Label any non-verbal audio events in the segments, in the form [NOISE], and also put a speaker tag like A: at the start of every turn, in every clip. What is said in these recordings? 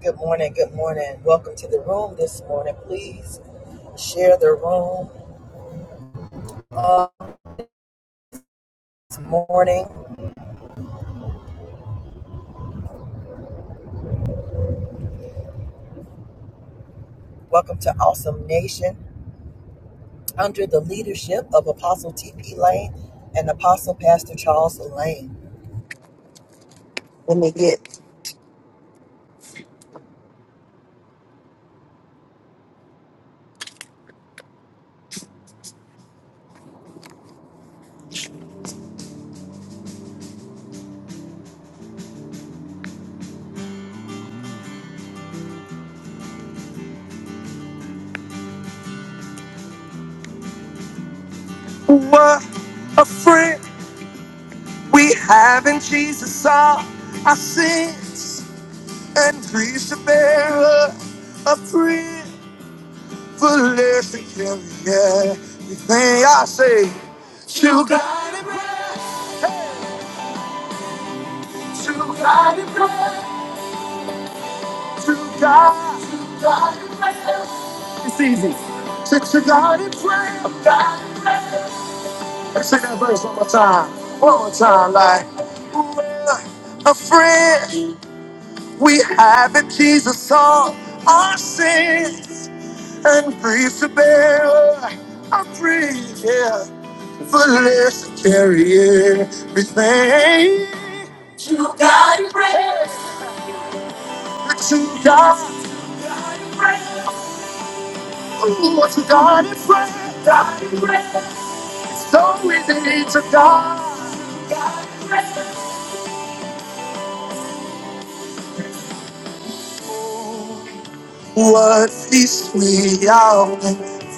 A: Good morning. Good morning. Welcome to the room this morning. Please share the room this morning. Welcome to Awesome Nation under the leadership of Apostle T.P. Lane and Apostle Pastor Charles Lane. Let me get. What a friend we have in Jesus. All our sins and griefs to bear. A privilege to carry everything I say. To God. To God in prayer. To God. To God in prayer. It's easy. Say to God in prayer. To God in prayer. Say that verse one more time. One more time, like. Well, a friend we have in Jesus all our sins and grief to bear. I'm free, yeah. For less to carry everything. God in prayer. To God. What you got in prayer, died so restoring me to God. What feast we are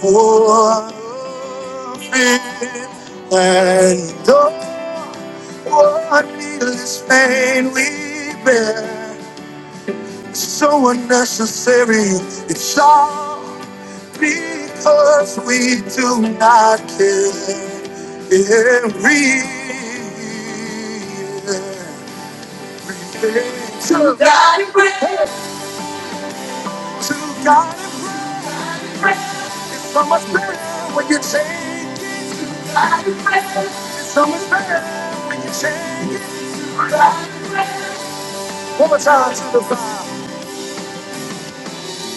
A: for and oh, what needless pain we bear. So unnecessary, it's all because we do not care. Yeah, we To God, to God in prayer. So much better when you change it. It's so much better when you change it. God. One more time to the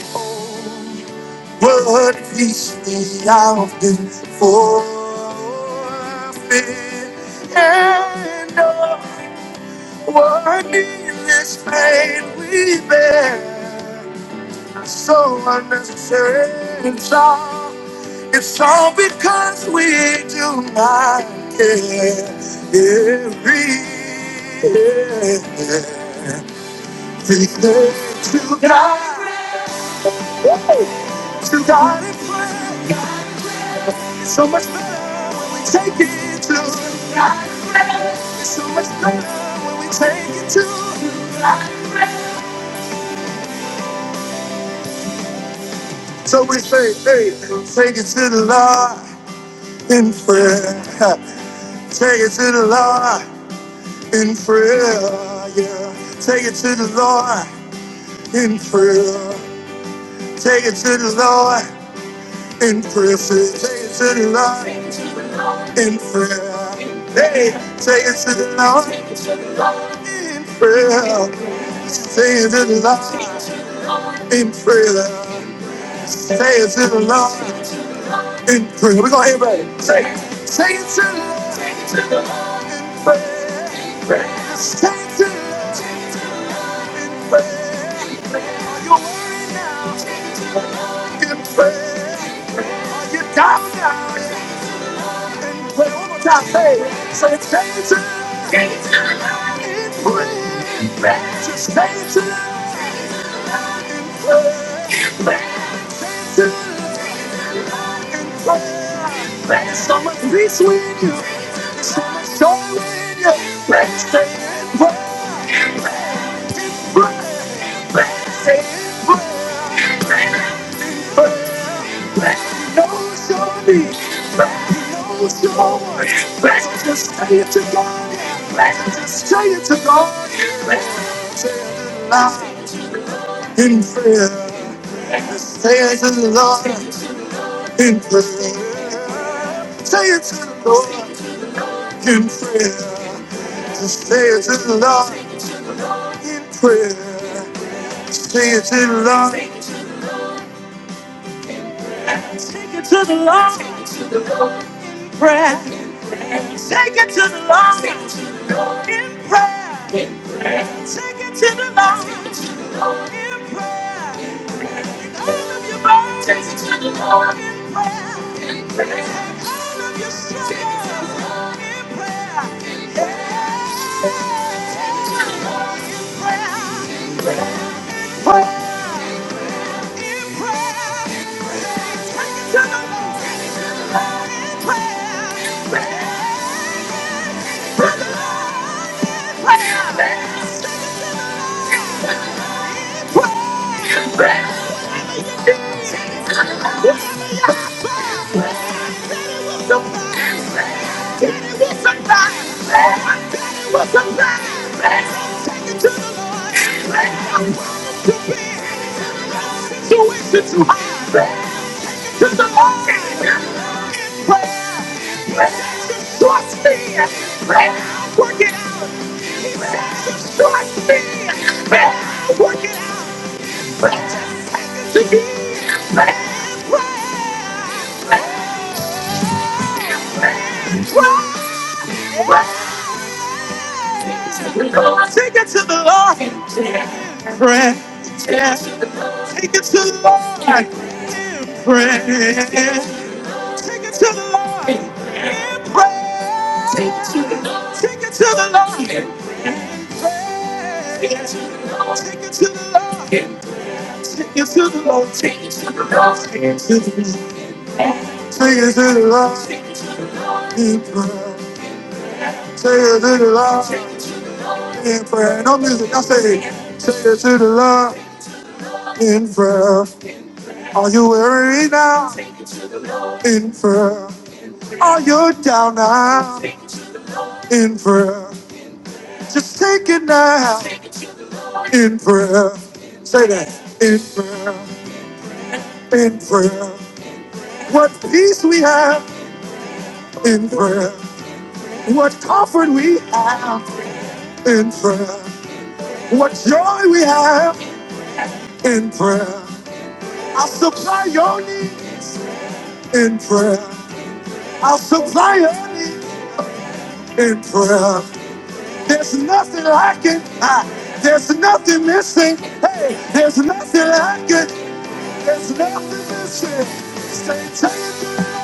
A: Father. What peace we often forfeit and oh, what needless pain we bear. so unnecessary. It's all, it's all because we do not care. everything. To God, to God in prayer. It's so much better when we take it to God. It's so much better when we take it to So we say, hey, take it to the Lord in prayer. Take it to the Lord. in prayer. Yeah, take it to the Lord in prayer. Take it to the Lord in prayer. Take it to the Lord in prayer. Hey, take it to the Lord in prayer. Take it to the Lord in prayer. take it to the Lord in prayer. We're gonna everybody say, say it Take it to the Lord. Take it to the Lord. Pray, pray. Say it to the Lord. Pray, pray. Are you walking in prayer? Are you down? now? So much peace with you, so much joy with you. Let's stay in prayer. Let's stay in prayer. knows your need. knows Let's just say it to God. Let's just say it to God. Let's say it aloud in prayer. Let's Say it to the Lord in prayer. Say it to the Lord in prayer. Just say it to the Lord in prayer. Say it to the Lord. To the Lord. Prayer. Take it to the Lord. in prayer. In prayer. Take it to the Lord Take it to the Lord. in prayer. In Take all of your burdens Take it to the Lord. in prayer. Take all of your struggles Take it to the Lord. in prayer. In prayer. Take it to the Lord in prayer. In prayer. Pray in prayer. In prayer. Take it to the Lord. in prayer. Take it to the Lord in prayer. In prayer. Brother, in prayer. Say prayer. In prayer. Trust me, prayer, work it out. He says, trust work it out. Prayer, prayer, prayer. Take it to the Lord in prayer. Take it to the Lord in prayer. Take it to the Lord in prayer. Take it to the Lord in prayer. Take it to the Lord in prayer. Take it to the Lord in prayer. Take it to the Lord in prayer. Take it to the Lord in prayer. No music, I say. Take it to the Lord in prayer. Are you weary now in prayer? Are you down now in prayer? Just take it now in prayer. Say that in prayer, in prayer. What peace we have in prayer. What comfort we have in prayer. What joy we have in prayer. I'll supply your need in prayer. I'll supply your need in prayer. There's nothing lacking. Ah, there's nothing missing. Hey, there's nothing lacking. There's nothing missing. Stay taken.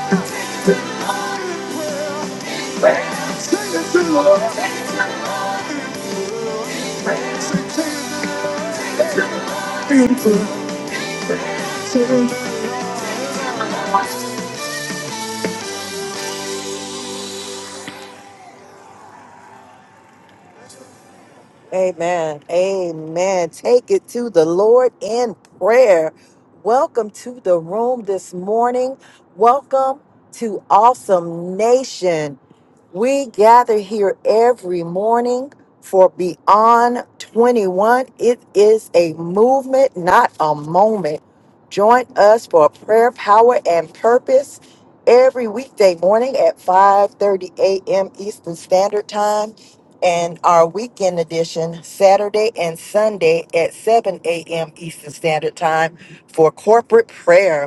A: Amen. Amen. Take it to the Lord in prayer. Welcome to the room this morning. Welcome to Awesome Nation. We gather here every morning for Beyond 21. It is a movement, not a moment. Join us for prayer, power, and purpose every weekday morning at 5:30 a.m. Eastern Standard Time and our weekend edition Saturday and Sunday at 7 a.m. Eastern Standard Time for corporate prayer.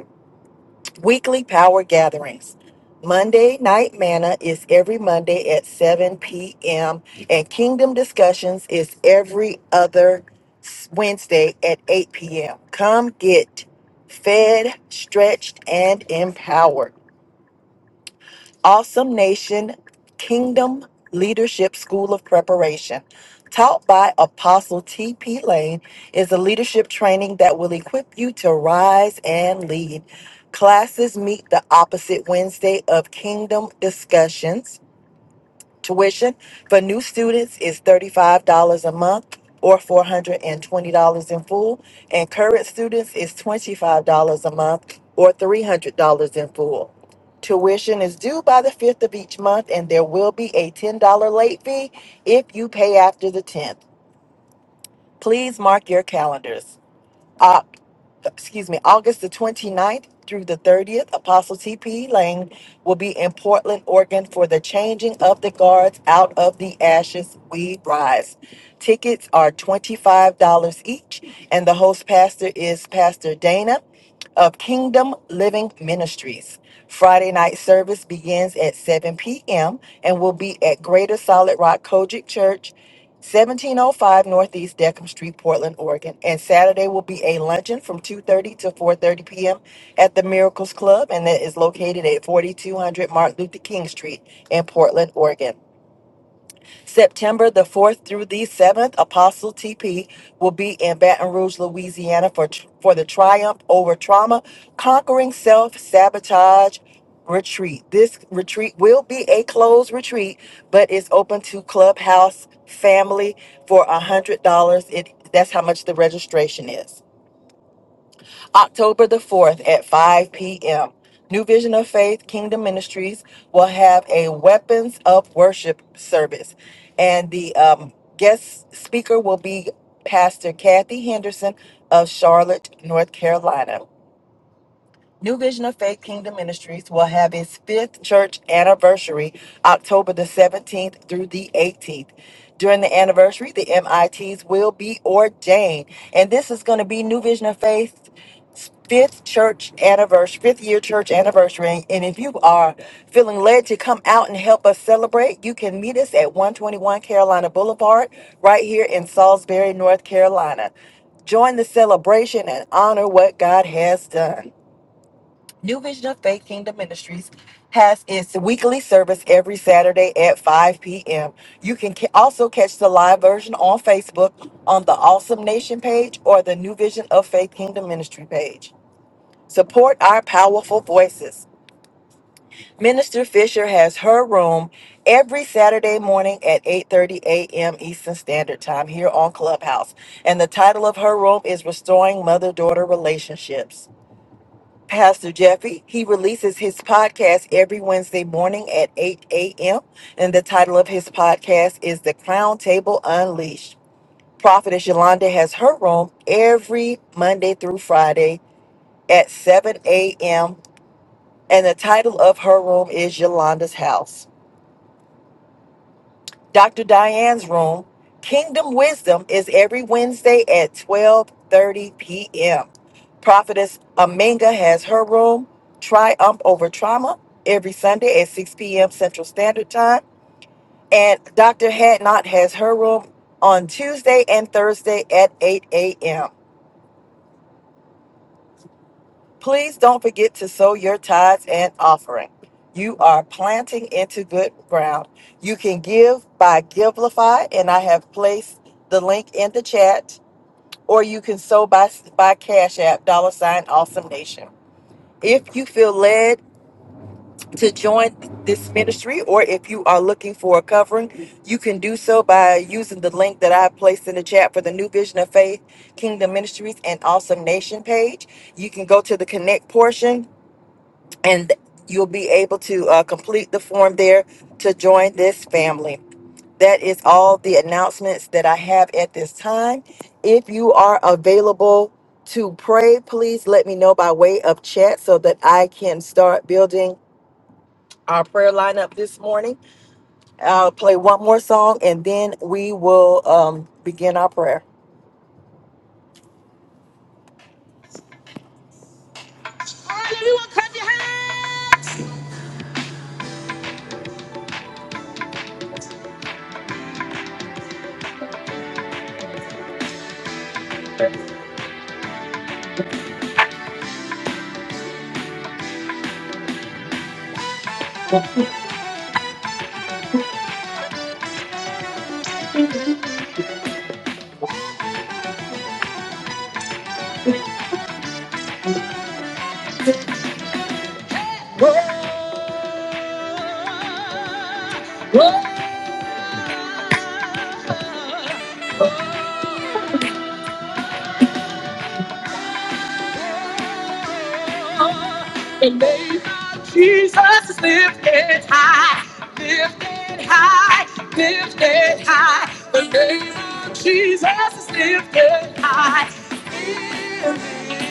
A: Weekly power gatherings. Monday Night Manna is every Monday at 7 p.m., and Kingdom Discussions is every other s- Wednesday at 8 p.m. Come get fed, stretched, and empowered. Awesome Nation Kingdom Leadership School of Preparation, taught by Apostle T.P. Lane, is a leadership training that will equip you to rise and lead. Classes meet the opposite Wednesday of Kingdom Discussions. Tuition for new students is $35 a month or $420 in full, and current students is $25 a month or $300 in full. Tuition is due by the 5th of each month, and there will be a $10 late fee if you pay after the 10th. Please mark your calendars. Oc- excuse me, August the 29th through the 30th, Apostle TP Lane will be in Portland, Oregon for the changing of the guards out of the ashes we rise. Tickets are $25 each and the host pastor is Pastor Dana of Kingdom Living Ministries. Friday night service begins at 7 p.m. and will be at Greater Solid Rock Kojic Church, 1705 Northeast Deckham Street, Portland, Oregon. And Saturday will be a luncheon from 2:30 to 4:30 p.m. at the Miracles Club, and that is located at 4200 Martin Luther King Street in Portland, Oregon. September the 4th through the 7th, Apostle TP will be in Baton Rouge, Louisiana for, tr- for the Triumph Over Trauma Conquering Self Sabotage retreat. This retreat will be a closed retreat, but it's open to Clubhouse family for a hundred dollars. It that's how much the registration is. October the 4th at 5 p.m. New Vision of Faith Kingdom Ministries will have a Weapons of Worship service. And the um, guest speaker will be Pastor Kathy Henderson of Charlotte, North Carolina. New Vision of Faith Kingdom Ministries will have its fifth church anniversary October the 17th through the 18th. During the anniversary, the MITs will be ordained. And this is going to be New Vision of Faith fifth church anniversary, fifth year church anniversary. And if you are feeling led to come out and help us celebrate, you can meet us at 121 Carolina Boulevard right here in Salisbury, North Carolina. Join the celebration and honor what God has done. New Vision of Faith Kingdom Ministries has its weekly service every Saturday at 5 p.m. You can ca- also catch the live version on Facebook on the Awesome Nation page or the New Vision of Faith Kingdom Ministry page. Support our powerful voices. Minister Fisher has her room every Saturday morning at 8:30 a.m. Eastern Standard Time here on Clubhouse, and the title of her room is Restoring Mother-Daughter Relationships. Pastor Jeffy. He releases his podcast every Wednesday morning at 8 a.m. And the title of his podcast is The Crown Table Unleashed. Prophetess Yolanda has her room every Monday through Friday at 7 a.m. And the title of her room is Yolanda's House. Dr. Diane's room. Kingdom Wisdom is every Wednesday at 12:30 p.m. Prophetess Aminga has her room, Triumph Over Trauma, every Sunday at 6 p.m. Central Standard Time, and Dr. Hadnot has her room on Tuesday and Thursday at 8 a.m. Please don't forget to sow your tithes and offering. You are planting into good ground. You can give by Givelify, and I have placed the link in the chat, or you can sow by, by Cash App, dollar sign Awesome Nation. If you feel led to join this ministry, or if you are looking for a covering, you can do so by using the link that I placed in the chat for the New Vision of Faith, Kingdom Ministries, and Awesome Nation page. You can go to the connect portion and you'll be able to uh, complete the form there to join this family. That is all the announcements that I have at this time. If you are available to pray, please let me know by way of chat so that I can start building our prayer lineup this morning. I'll play one more song and then we will um, begin our prayer. Hallelujah, clap your hands. the name of Jesus is lifted high, lifted high, lifted high. The name of Jesus is lifted high,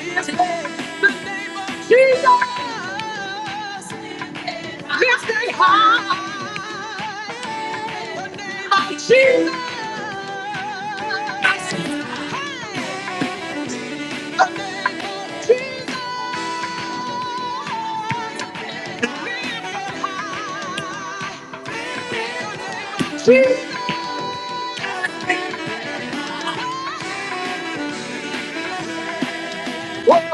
A: lifted the Jesus lifted high. The name of Jesus. the name of Jesus, lifted high. Jesus. Jesus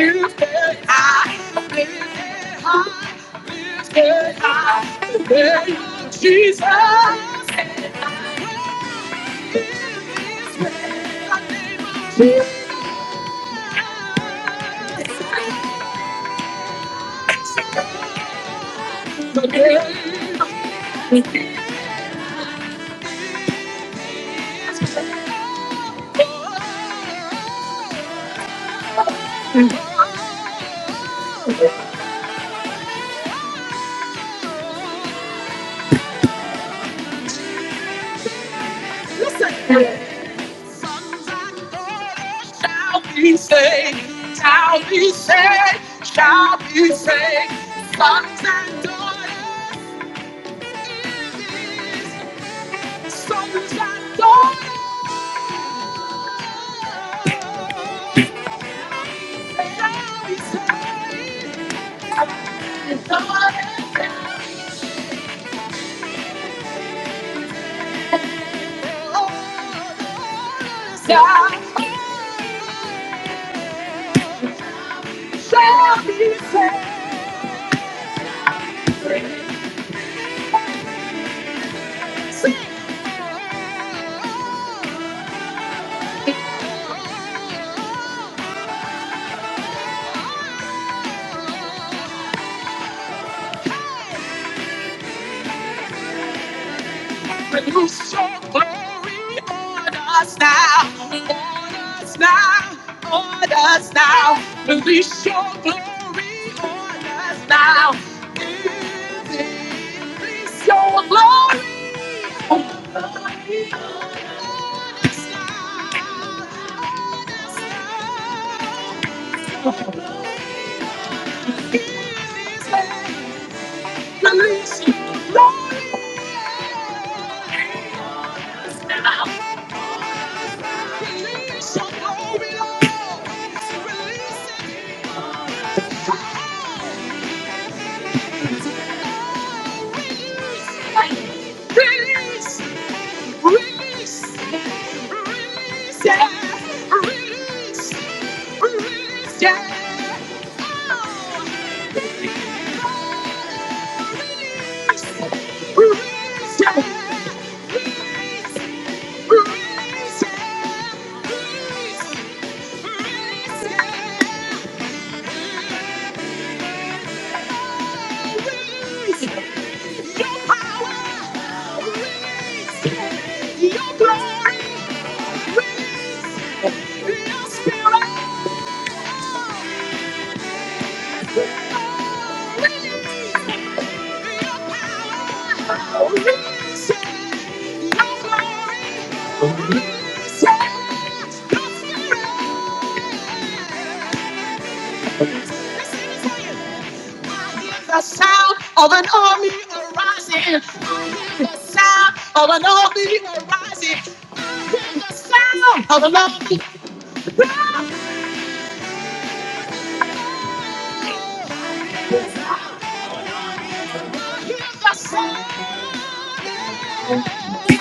A: is dead. I am dead. I am dead. I am dead. Jesus is dead. Jesus is dead. Listen. Shall be saved, shall be saved, shall be saved. Sons and daughters, sons and daughters, shall be saved. Shall be saved. Release your glory on us now, on us now, on us now. Release your glory on us now. Release your glory on us now. on us now. Release it. Release your glory on us now. Release your glory, Lord. Release it. Release, release, release, yeah, release, release, yeah. Oh, release, release, yeah, release, release, yeah, release, release, yeah. Thank you. I hear the sound of an army arising. I hear the sound of an army arising. I hear the sound of an army. I hear the sound. I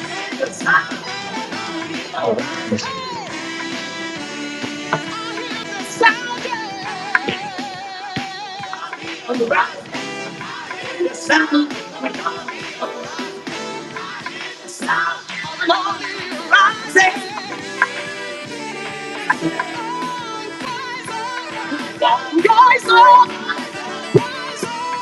A: hear the sound. of of an an army. army I hear the sound of an army arising. Rise up. Rise up.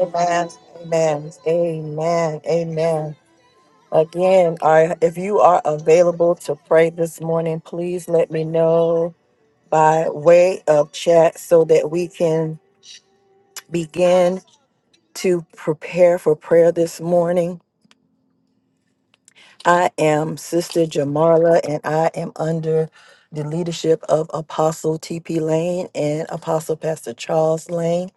A: Amen. Amen. Amen. Amen. Again, I, if you are available to pray this morning, please let me know by way of chat so that we can begin to prepare for prayer this morning. I am Sister Jamarla, and I am under the leadership of Apostle T.P. Lane and Apostle Pastor Charles Lane.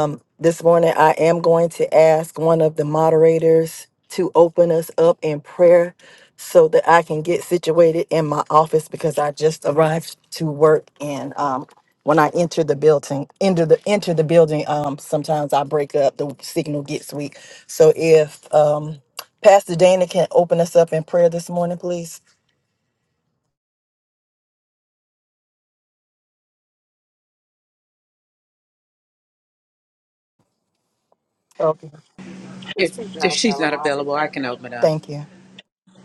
A: Um, this morning, I am going to ask one of the moderators to open us up in prayer so that I can get situated in my office because I just arrived to work. And um, when I enter the building, enter the enter the building, um, sometimes I break up. The signal gets weak. So if um, Pastor Dana can open us up in prayer this morning, please. Okay.
B: If, if she's not available, I can open up.
A: Thank you.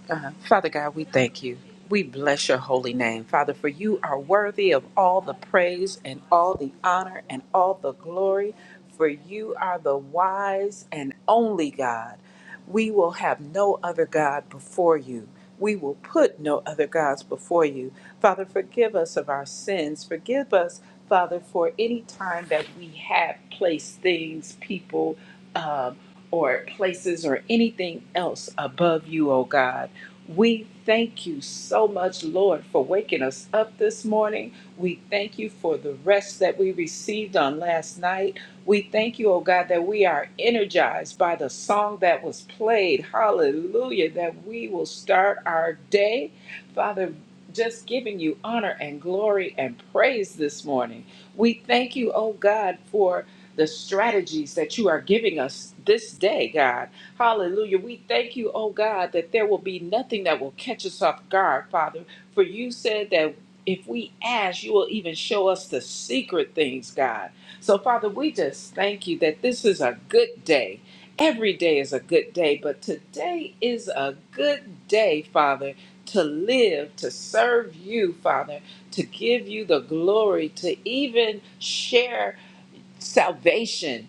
B: Uh, Father God, we thank you. We bless your holy name, Father, for you are worthy of all the praise and all the honor and all the glory, for you are the wise and only God. We will have no other God before you. We will put no other gods before you. Father, forgive us of our sins. Forgive us, Father, for any time that we have placed things, people, um, or places, or anything else above you, O God. We thank you so much, Lord, for waking us up this morning. We thank you for the rest that we received on last night. We thank you, oh God, that we are energized by the song that was played. Hallelujah, that we will start our day. Father, just giving you honor and glory and praise this morning. We thank you, oh God, for the strategies that you are giving us this day, God. Hallelujah. We thank you, oh God, that there will be nothing that will catch us off guard, Father. For you said that if we ask, you will even show us the secret things, God. So, Father, we just thank you that this is a good day. Every day is a good day, but today is a good day, Father, to live, to serve you, Father, to give you the glory, to even share salvation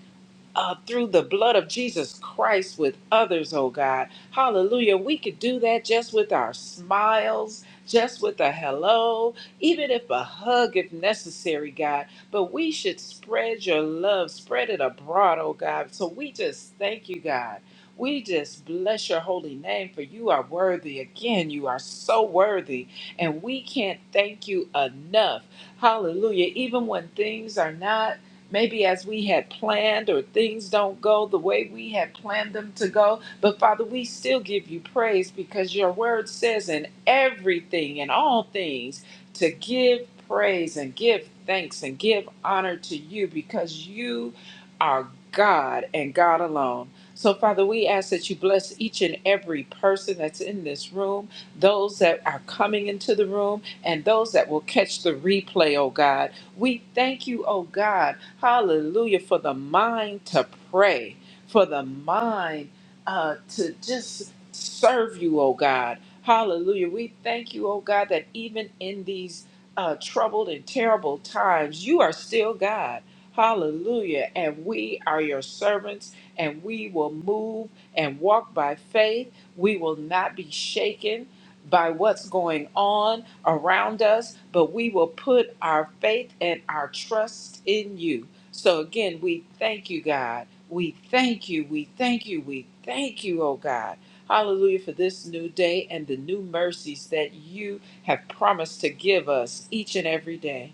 B: uh, through the blood of Jesus Christ with others, oh God. Hallelujah. We could do that just with our smiles, just with a hello, even if a hug if necessary, God. But we should spread your love, spread it abroad, oh God. So we just thank you, God. We just bless your holy name for you are worthy. Again, you are so worthy, and we can't thank you enough. Hallelujah. Even when things are not maybe as we had planned or things don't go the way we had planned them to go. But Father, we still give you praise because your word says in everything and all things to give praise and give thanks and give honor to you because you are God and God alone. So, Father, we ask that you bless each and every person that's in this room, those that are coming into the room, and those that will catch the replay, oh God. We thank you, oh God Hallelujah. For the mind to pray, for the mind uh, to just serve you, oh God. Hallelujah. We thank you, oh God, that even in these uh, troubled and terrible times, you are still God. Hallelujah. And we are your servants, and we will move and walk by faith. We will not be shaken by what's going on around us, but we will put our faith and our trust in you. So again, we thank you, God. We thank you. We thank you. We thank you, oh God. Hallelujah for this new day and the new mercies that you have promised to give us each and every day.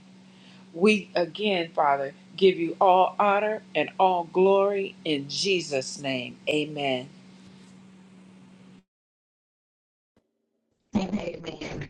B: We again, Father, give you all honor and all glory in Jesus' name. Amen.
C: And amen.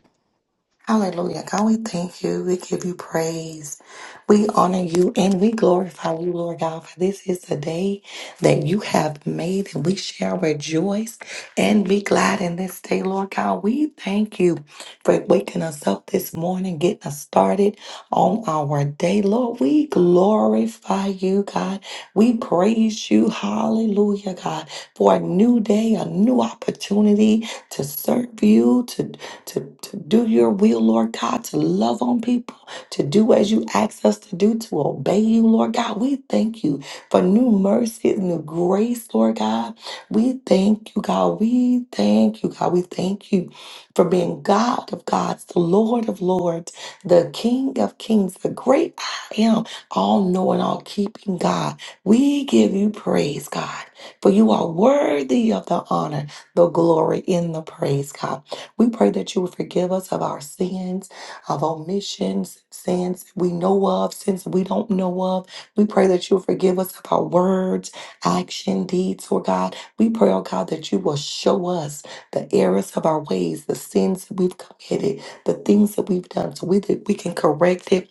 C: Hallelujah. God, we thank you. We give you praise. We honor you and we glorify you, Lord God, for this is the day that you have made and we shall rejoice and be glad in this day, Lord God. We thank you for waking us up this morning, getting us started on our day. Lord, we glorify you, God. We praise you. Hallelujah, God, for a new day, a new opportunity to serve you, to to, to do your will, Lord God, to love on people, to do as you ask us to do, to obey you, Lord God. We thank you for new mercy, new grace, Lord God. We thank you, God. We thank you, God. We thank you for being God of gods, the Lord of lords, the King of kings, the great I am, all knowing, all keeping God. We give you praise, God, for you are worthy of the honor, the glory, and the praise, God. We pray that you would forgive us of our sins, of omissions, sins we know of, sins we don't know of. We pray that you would forgive us of our words, action, deeds, or God. We pray, oh God, that you will show us the errors of our ways, the sins that we've committed, the things that we've done, so we, that we can correct it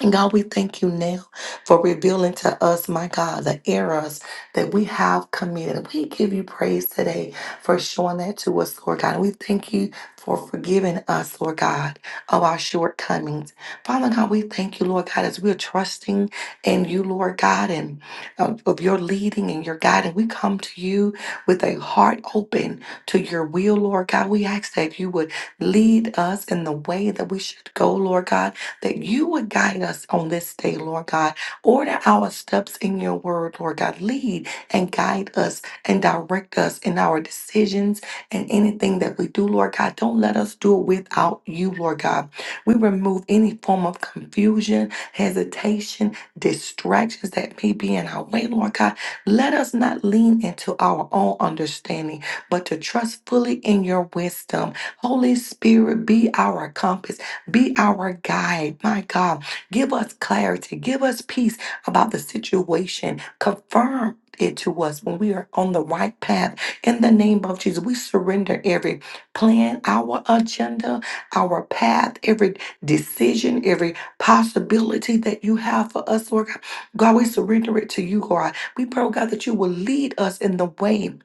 C: and God, we thank you now for revealing to us, my God, the errors that we have committed. We give you praise today for showing that to us, Lord God. And we thank you for forgiving us, Lord God, of our shortcomings. Father God, we thank you, Lord God, as we're trusting in you, Lord God, and of, of your leading and your guiding. We come to you with a heart open to your will, Lord God. We ask that you would lead us in the way that we should go, Lord God that you would guide us on this day, Lord God. Order our steps in your word, Lord God. Lead and guide us and direct us in our decisions and anything that we do, Lord God. Don't let us do it without you, Lord God. We remove any form of confusion, hesitation, distractions that may be in our way, Lord God. Let us not lean into our own understanding, but to trust fully in your wisdom. Holy Spirit, be our compass be our guide, my God. Give us clarity, give us peace about the situation. Confirm it to us when we are on the right path. In the name of Jesus, we surrender every plan, our agenda, our path, every decision, every possibility that you have for us, Lord God. God, we surrender it to you, God. We pray, oh God, that you will lead us in the way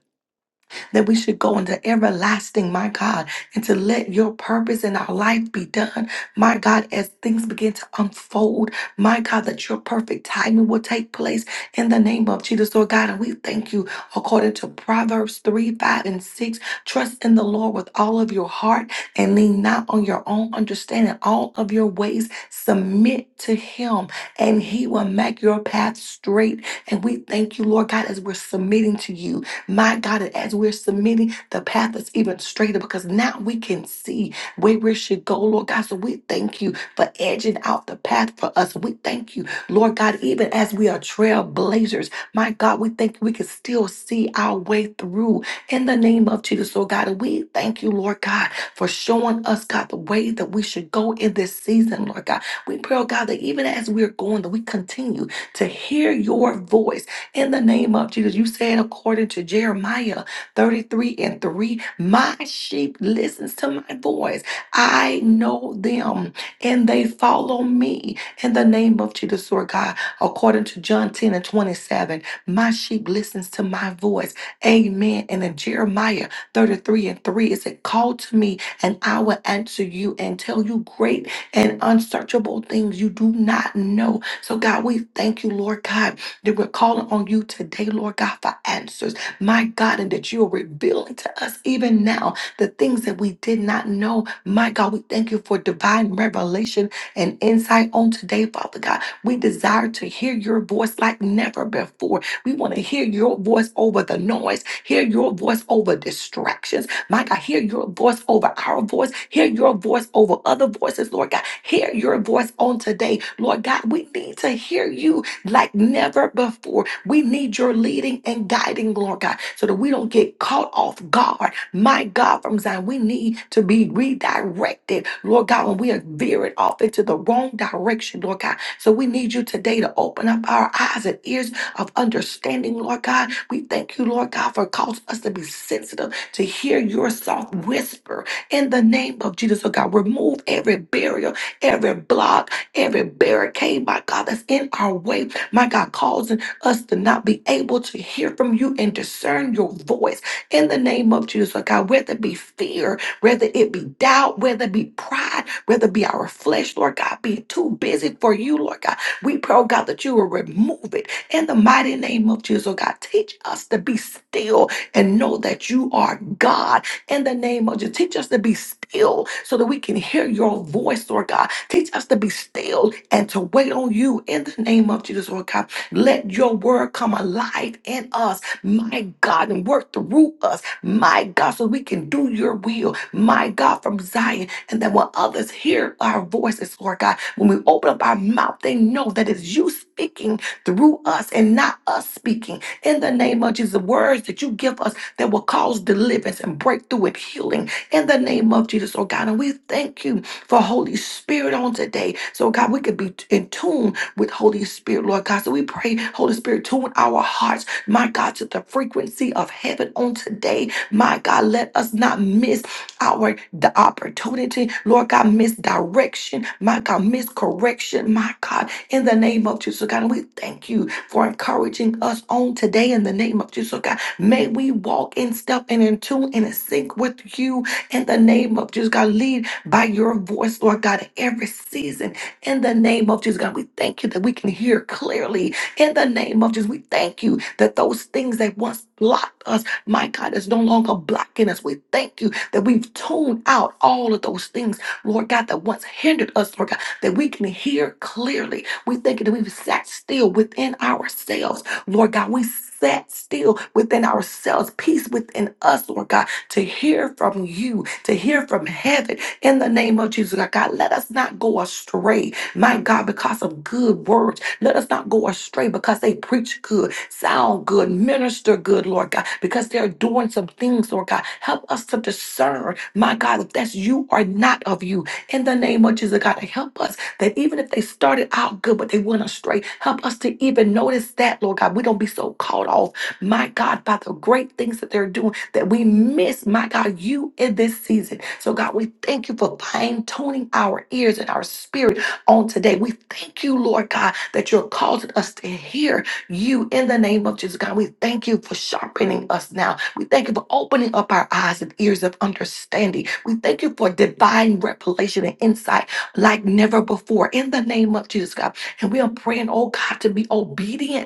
C: that we should go into everlasting, my God, and to let your purpose in our life be done, my God, as things begin to unfold, my God, that your perfect timing will take place in the name of Jesus, Lord God. And we thank you according to Proverbs 3, 5, and 6. Trust in the Lord with all of your heart and lean not on your own understanding. All of your ways submit to Him, and He will make your path straight. And we thank you, Lord God, as we're submitting to you. My God, and as we're submitting, the path is even straighter because now we can see where we should go, Lord God. So we thank you for edging out the path for us. We thank you, Lord God, even as we are trailblazers. My God, we think we can still see our way through in the name of Jesus, Lord God. And we thank you, Lord God, for showing us, God, the way that we should go in this season, Lord God. We pray, oh God, that even as we're going, that we continue to hear your voice in the name of Jesus. You said, according to Jeremiah 33 and 3, my sheep listens to my voice. I know them and they follow me in the name of Jesus, Lord God. According to John 10 and 27, my sheep listens to my voice. Amen. And in Jeremiah 33 and 3, it said, call to me and I will answer you and tell you great and unsearchable things you do not know. So, God, we thank you, Lord God that we're calling on you today, Lord God, for answers. My God, and that you are revealing to us even now the things that we did not know. My God, we thank you for divine revelation and insight on today, Father God. We desire to hear your voice like never before. We want to hear your voice over the noise, hear your voice over distractions. My God, hear your voice over our voice, hear your voice over other voices, Lord God. Hear your voice on today, Lord God. We need to hear you like never before. We need your leading and guiding, Lord God, so that we don't get caught off guard. My God, from Zion, we need to be redirected, Lord God, when we are veering off into the wrong direction, Lord God. So we need you today to open up our eyes and ears of understanding, Lord God. We thank you, Lord God, for causing us to be sensitive to hear your soft whisper in the name of Jesus, oh God. Remove every barrier, every block, every barricade, my God, that's in our way, my God, causing us to not be able to hear from you and discern your voice in the name of Jesus, Lord God, whether it be fear, whether it be doubt, whether it be pride, whether it be our flesh, Lord God, being too busy for you, Lord God. We pray, oh God, that you will remove it in the mighty name of Jesus, oh God. Teach us to be still and know that you are God in the name of Jesus. Teach us to be still so that we can hear your voice, Lord God Teach us to be still and to wait on you in the name of Jesus, Lord God. Let your word come alive in us, my God, and work through us, my God, so we can do your will, my God, from Zion. And that when others hear our voices, Lord God, when we open up our mouth, they know that it's you speaking through us and not us speaking. In the name of Jesus, the words that you give us that will cause deliverance and breakthrough and healing. In the name of Jesus, oh God. And we thank you for Holy Spirit on today. So, God, we could be in tune with Holy Spirit, Lord God. So we pray, Holy Spirit, tune our hearts, my God, to the frequency of heaven on today. My God, let us not miss our the opportunity, Lord God, misdirection, my God, miscorrection, my God, in the name of Jesus, God. And we thank you for encouraging us on today in the name of Jesus, God. May we walk in step and in tune and in sync with you in the name of Jesus, God. lead by your voice, Lord God, in every season. In the name of Jesus, God, we thank you that we can hear clearly. In the name of Jesus, we thank you that those things that once blocked us, my God, is no longer blocking us. We thank you that we've tuned out all of those things, Lord God, that once hindered us, Lord God, that we can hear clearly. We thank you that we've sat still within ourselves, Lord God. We sat still within ourselves, peace within us, Lord God, to hear from you, to hear from heaven in the name of Jesus, God. God, Let us not go astray, my God, because of good words. Let us not go astray because they preach good, sound good, minister good, Lord God, because they're doing some things, Lord God. Help us to discern, my God, if that's you or not of you. In the name of Jesus, oh God, help us that even if they started out good, but they went astray, help us to even notice that, Lord God. We don't be so caught off my God, by the great things that they're doing that we miss, my God, you in this season. So, God, we thank you for fine tuning our ears and our spirit on today. We thank you, Lord God, that you're causing us to hear you in the name of Jesus, God. We thank you for sharpening us now. We thank you for opening up our eyes and ears of understanding. We thank you for divine revelation and insight like never before in the name of Jesus, God. And we are praying, oh God, to be obedient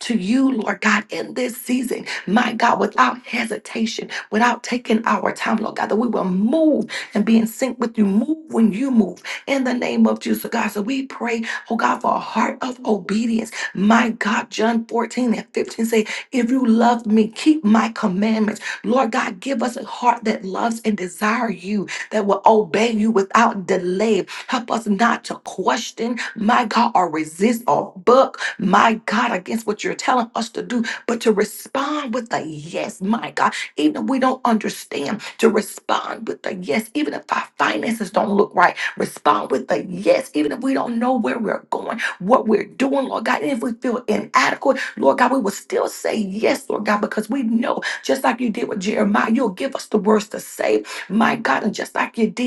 C: to you, Lord God, in this season, my God, without hesitation, without taking our time, Lord God, that we will move and be in sync with you. Move when you move in the name of Jesus, God. So we pray, oh God, for a heart of obedience. My God, John 14 and 15 say, If you love me, keep my commandments. Lord God, give us a heart that loves and desire you that will obey you without delay. Help us not to question, my God, or resist or buck, my God, against what you're telling us to do, but to respond with a yes, my God, even if we don't understand, to respond with a yes, even if our finances don't look right, respond with a yes, even if we don't know where we're going, what we're doing, Lord God, and if we feel inadequate, Lord God, we will still say yes, Lord God, because we know, just like you did with Jeremiah, you'll give us the words to say my God, and just like you did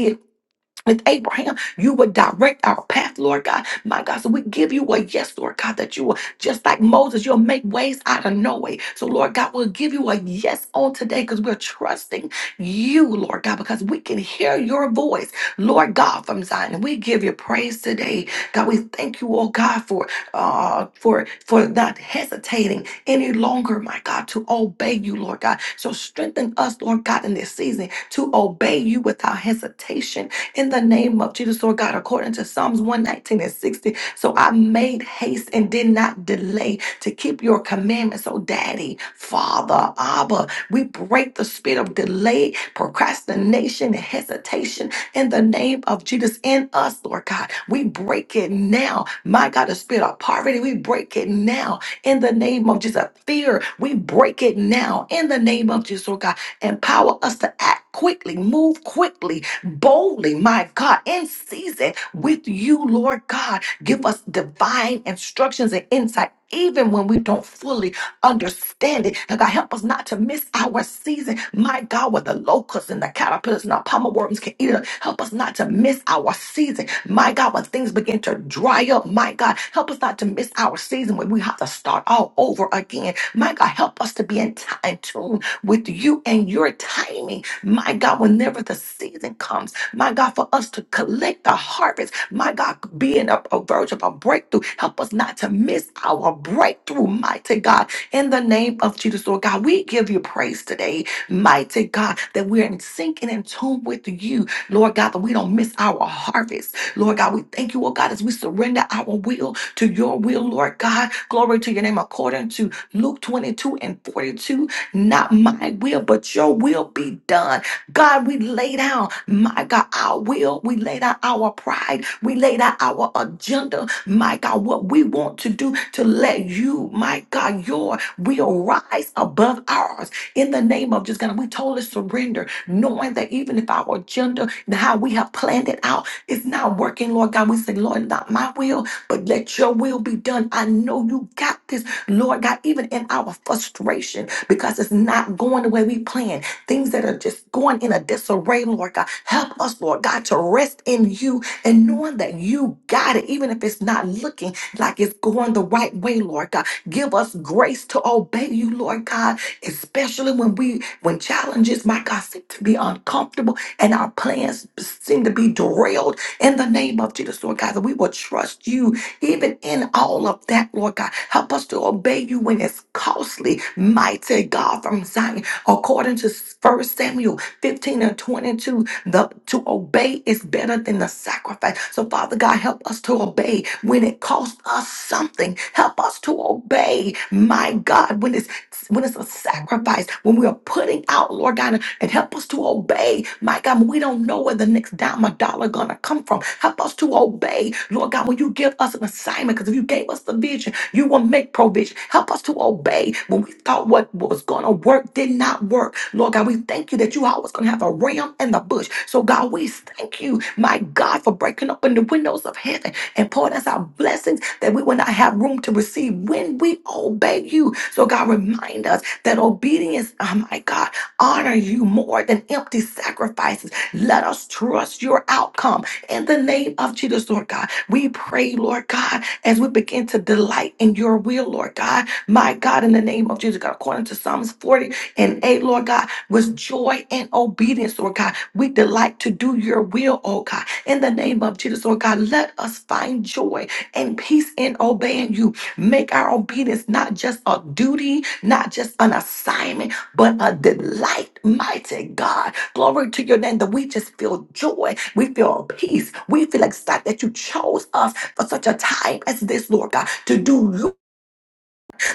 C: with Abraham, you would direct our path, Lord God. My God, so we give you a yes, Lord God, that you will, just like Moses, you'll make ways out of no way. So, Lord God, we'll give you a yes on today because we're trusting you, Lord God, because we can hear your voice, Lord God, from Zion. And we give you praise today. God, we thank you, oh God, for uh for for not hesitating any longer, my God, to obey you, Lord God. So strengthen us, Lord God, in this season to obey you without hesitation in the name of Jesus, Lord God, according to Psalms 119 and 60. So I made haste and did not delay to keep your commandments. So, Daddy, Father, Abba, we break the spirit of delay, procrastination, and hesitation in the name of Jesus in us, Lord God. We break it now. My God, the spirit of poverty, we break it now in the name of Jesus. Fear, we break it now in the name of Jesus, Lord God Empower us to act quickly, move quickly, boldly, my God, in season with you, Lord God. Give us divine instructions and insight. Even when we don't fully understand it, And God, help us not to miss our season. My God, with the locusts and the caterpillars and the palmer worms can eat it up. Help us not to miss our season. My God, when things begin to dry up, my God, help us not to miss our season when we have to start all over again. My God, help us to be in, t- in tune with you and your timing. My God, whenever the season comes, my God, for us to collect the harvest, my God, being a, a verge of a breakthrough, help us not to miss our breakthrough, mighty God. In the name of Jesus, Lord God, we give you praise today, mighty God, that we're in sync and in tune with you, Lord God, that we don't miss our harvest. Lord God, we thank you, oh God, as we surrender our will to your will, Lord God. Glory to your name according to Luke 22 and 42. Not my will, but your will be done. God, we lay down, my God, our will. We lay down our pride. We lay down our agenda, my God, what we want to do to let you, my God, your will rise above ours. In the name of just God, we totally surrender, knowing that even if our agenda and how we have planned it out is not working, Lord God, we say, Lord, not my will, but let your will be done. I know you got this, Lord God, even in our frustration because it's not going the way we planned. Things that are just going in a disarray, Lord God. Help us, Lord God, to rest in you and knowing that you got it, even if it's not looking like it's going the right way, Lord God. Give us grace to obey you, Lord God, especially when we when challenges, my God, seem to be uncomfortable and our plans seem to be derailed in the name of Jesus, Lord God, that we will trust you even in all of that, Lord God, help us to obey you when it's costly. Mighty God from Zion, according to First Samuel 15 and 22, the, to obey is better than the sacrifice. So, Father God, help us to obey when it costs us something. Help us to obey, my God, when it's when it's a sacrifice, when we are putting out, Lord God, and help us to obey. My God, when we don't know where the next dime or dollar gonna come from. Help us to obey, Lord God, when you give us an assignment, because if you gave us the vision, you will make provision. Help us to obey when we thought what was gonna work did not work. Lord God, we thank you that you always gonna have a ram in the bush. So God, we thank you, my God, for breaking open the windows of heaven and poured us out blessings that we will not have room to receive when we obey you. So, God, remind us that obedience, oh my God, honor you more than empty sacrifices. Let us trust your outcome in the name of Jesus, Lord God. We pray, Lord God, as we begin to delight in your will, Lord God. My God, in the name of Jesus, God, according to Psalms 40 and 8, Lord God, was joy and obedience, Lord God. We delight to do your will, oh God. In the name of Jesus, Lord God, let us find joy and peace in obeying you. Make our obedience not just a duty, not just an assignment, but a delight, mighty God. Glory to your name that we just feel joy. We feel peace. We feel excited that you chose us for such a time as this, Lord God, to do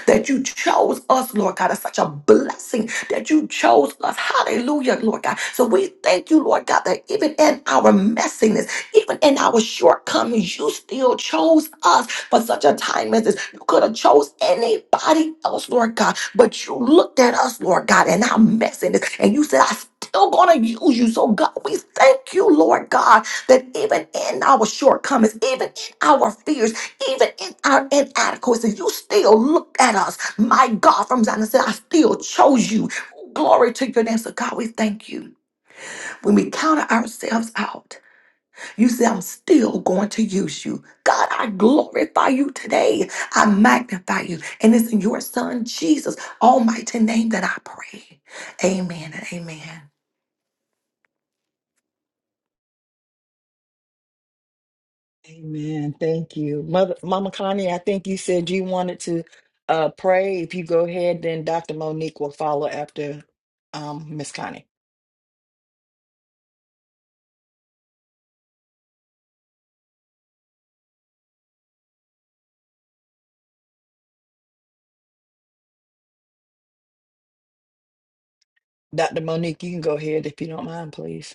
C: that you chose us, Lord God. It's such a blessing that you chose us. Hallelujah, Lord God. So we thank you, Lord God, that even in our messiness, even in our shortcomings, you still chose us for such a time as this. You could have chose anybody else, Lord God, but you looked at us, Lord God, and our messiness, and you said, I still gonna use you. So God, we thank you, Lord God, that even in our shortcomings, even in our fears, even in our inadequacy, you still looked at us. My God, from Zion said, I still chose you. Glory to your name. So, God, we thank you. When we counter ourselves out, you say, I'm still going to use you. God, I glorify you today. I magnify you. And it's in your son, Jesus, almighty name that I pray. Amen and amen.
A: Amen. Thank you. Mother Mama Connie, I think you said you wanted to uh pray. If you go ahead, then Dr. Monique will follow after um Miss Connie. Dr. Monique, you can go ahead if you don't mind, please.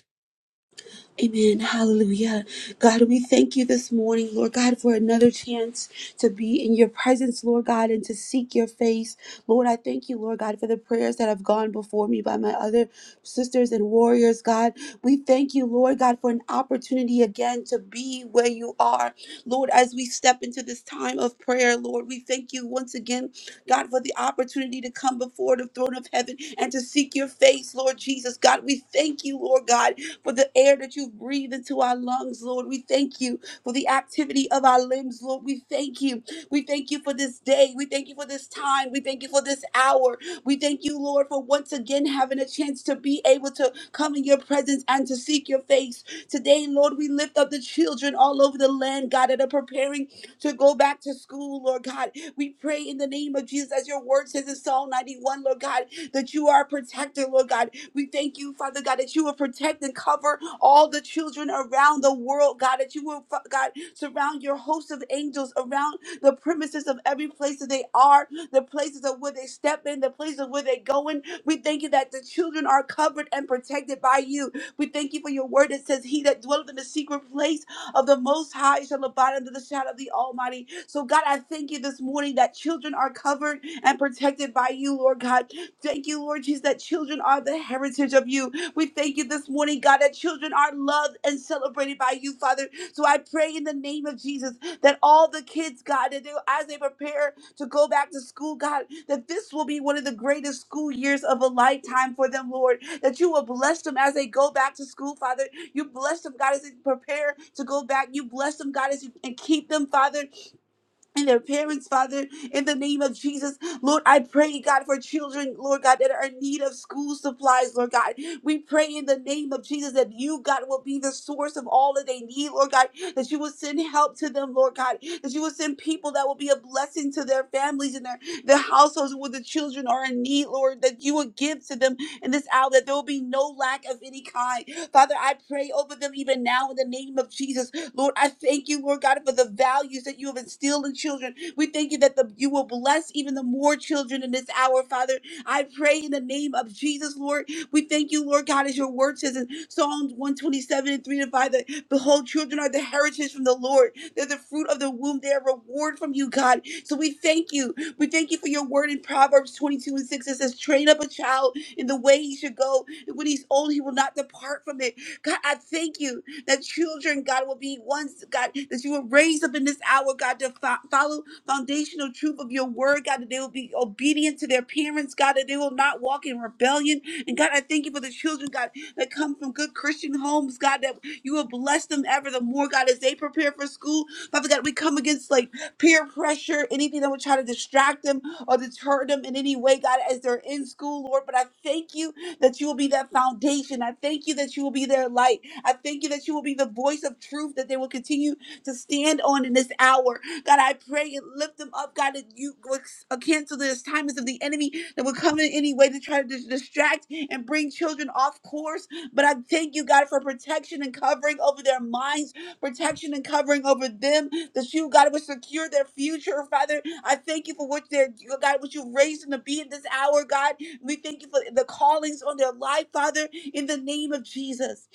D: Amen. Hallelujah. God, we thank you this morning, Lord God, for another chance to be in your presence, Lord God, and to seek your face. Lord, I thank you, Lord God, for the prayers that have gone before me by my other sisters and warriors, God. We thank you, Lord God, for an opportunity again to be where you are. Lord, as we step into this time of prayer, Lord, we thank you once again, God, for the opportunity to come before the throne of heaven and to seek your face, Lord Jesus. God, we thank you, Lord God, for the air that you breathe into our lungs, Lord. We thank you for the activity of our limbs, Lord. We thank you. We thank you for this day. We thank you for this time. We thank you for this hour. We thank you, Lord, for once again having a chance to be able to come in your presence and to seek your face. Today, Lord, we lift up the children all over the land, God, that are preparing to go back to school, Lord God. We pray in the name of Jesus, as your word says in Psalm 91, Lord God, that you are a protector, Lord God. We thank you, Father God, that you will protect and cover all the children around the world, God, that you will, Fa- God, surround your host of angels around the premises of every place that they are, the places of where they step in, the places of where they go in. We thank you that the children are covered and protected by you. We thank you for your word that says, He that dwelleth in the secret place of the Most High shall abide under the shadow of the Almighty. So, God, I thank you this morning that children are covered and protected by you, Lord God. Thank you, Lord Jesus, that children are the heritage of you. We thank you this morning, God, that children are loved and celebrated by you, Father. So I pray in the name of Jesus that all the kids, God, that they, as they prepare to go back to school, God, that this will be one of the greatest school years of a lifetime for them, Lord. That you will bless them as they go back to school, Father. You bless them, God, as they prepare to go back. You bless them, God, as you and keep them, Father and their parents, Father, in the name of Jesus. Lord, I pray, God, for children, Lord God, that are in need of school supplies, Lord God. We pray in the name of Jesus that you, God, will be the source of all that they need, Lord God, that you will send help to them, Lord God, that you will send people that will be a blessing to their families and their, their households where the children are in need, Lord, that you will give to them in this hour, that there will be no lack of any kind. Father, I pray over them even now in the name of Jesus. Lord, I thank you, Lord God, for the values that you have instilled in children. We thank you that the, you will bless even the more children in this hour, Father. I pray in the name of Jesus, Lord. We thank you, Lord God, as your word says in Psalms 127 and 3 to 5 that behold, children are the heritage from the Lord. They're the fruit of the womb. They are reward from you, God. So we thank you. We thank you for your word in Proverbs 22 and 6 It says, train up a child in the way he should go. And when he's old, he will not depart from it. God, I thank you that children, God, will be ones, God, that you will raise up in this hour, God, to fo- follow foundational truth of your word, God, that they will be obedient to their parents, God, that they will not walk in rebellion. And God, I thank you for the children, God, that come from good Christian homes, God, that you will bless them ever the more, God, as they prepare for school. Father God, we come against like peer pressure, anything that would try to distract them or deter them in any way, God, as they're in school, Lord. But I thank you that you will be that foundation. I thank you that you will be their light. I thank you that you will be the voice of truth that they will continue to stand on in this hour. God, I pray and lift them up, God, that you will uh, cancel the assignments of the enemy that will come in any way to try to dis- distract and bring children off course. But I thank you, God, for protection and covering over their minds, protection and covering over them, that you, God, would secure their future, Father. I thank you for what they're, God, what you've raised them to be in this hour, God. We thank you for the callings on their life, Father, in the name of Jesus.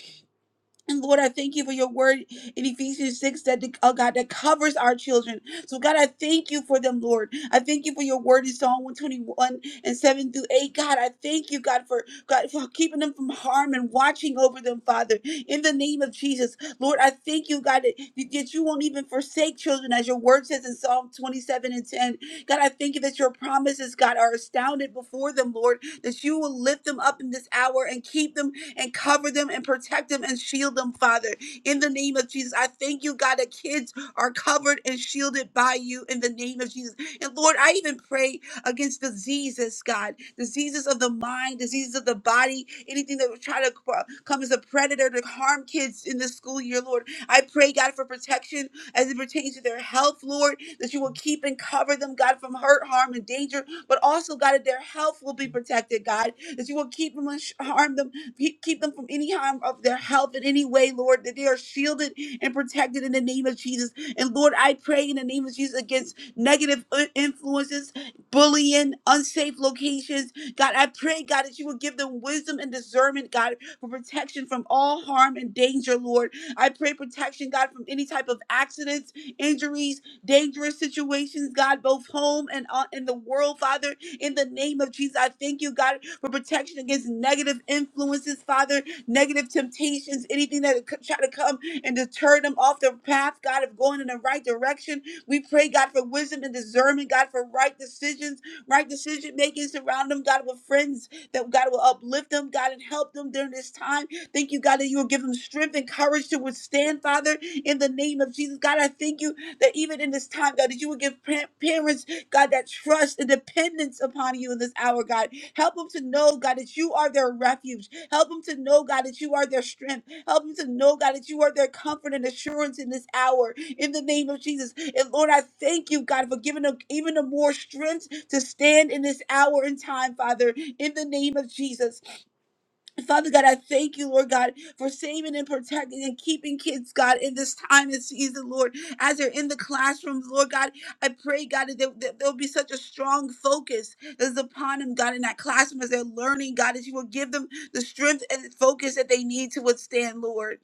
D: And Lord, I thank you for your word in Ephesians 6 that, oh God, that covers our children. So, God, I thank you for them, Lord. I thank you for your word in Psalm 121 and 7 through 8. God, I thank you, God, for God for keeping them from harm and watching over them, Father. In the name of Jesus, Lord, I thank you, God, that, that you won't even forsake children, as your word says in Psalm 27 and 10. God, I thank you that your promises, God, are astounded before them, Lord, that you will lift them up in this hour and keep them and cover them and protect them and shield them, Father. In the name of Jesus, I thank you, God, that kids are covered and shielded by you in the name of Jesus. And Lord, I even pray against diseases, God, diseases of the mind, diseases of the body, anything that would try to uh, come as a predator to harm kids in this school year, Lord. I pray, God, for protection as it pertains to their health, Lord, that you will keep and cover them, God, from hurt, harm, and danger, but also, God, that their health will be protected, God, that you will keep them and sh- harm them Pe- Keep them from any harm of their health in any way, Lord, that they are shielded and protected in the name of Jesus. And Lord, I pray in the name of Jesus against negative uh, influences, bullying, unsafe locations. God, I pray, God, that you would give them wisdom and discernment, God, for protection from all harm and danger, Lord. I pray protection, God, from any type of accidents, injuries, dangerous situations, God, both home and uh, in the world, Father. In the name of Jesus, I thank you, God, for protection against negative influences, Father, negative temptations, anything that could try to come and deter them off the path, God, of going in the right direction. We pray, God, for wisdom and discernment, God, for right decisions, right decision making. Surround them, God, with friends that God will uplift them, God, and help them during this time. Thank you, God, that you will give them strength and courage to withstand, Father, in the name of Jesus. God, I thank you that even in this time, God, that you will give pa- parents, God, that trust and dependence upon you in this hour, God. Help them to know, God, that you are their refuge. Help them to know, God, that you are their strength. Help them to know, God, that you are their comfort and assurance in this hour. In the name of Jesus. And Lord, I thank you, God, for giving them even a more strength to stand in this hour and time, Father. In the name of Jesus. Father God, I thank you, Lord God, for saving and protecting and keeping kids, God, in this time and season, Lord, as they're in the classrooms, Lord God. I pray, God, that, there- that there'll be such a strong focus that's upon them, God, in that classroom as they're learning, God, that you will give them the strength and focus that they need to withstand, Lord.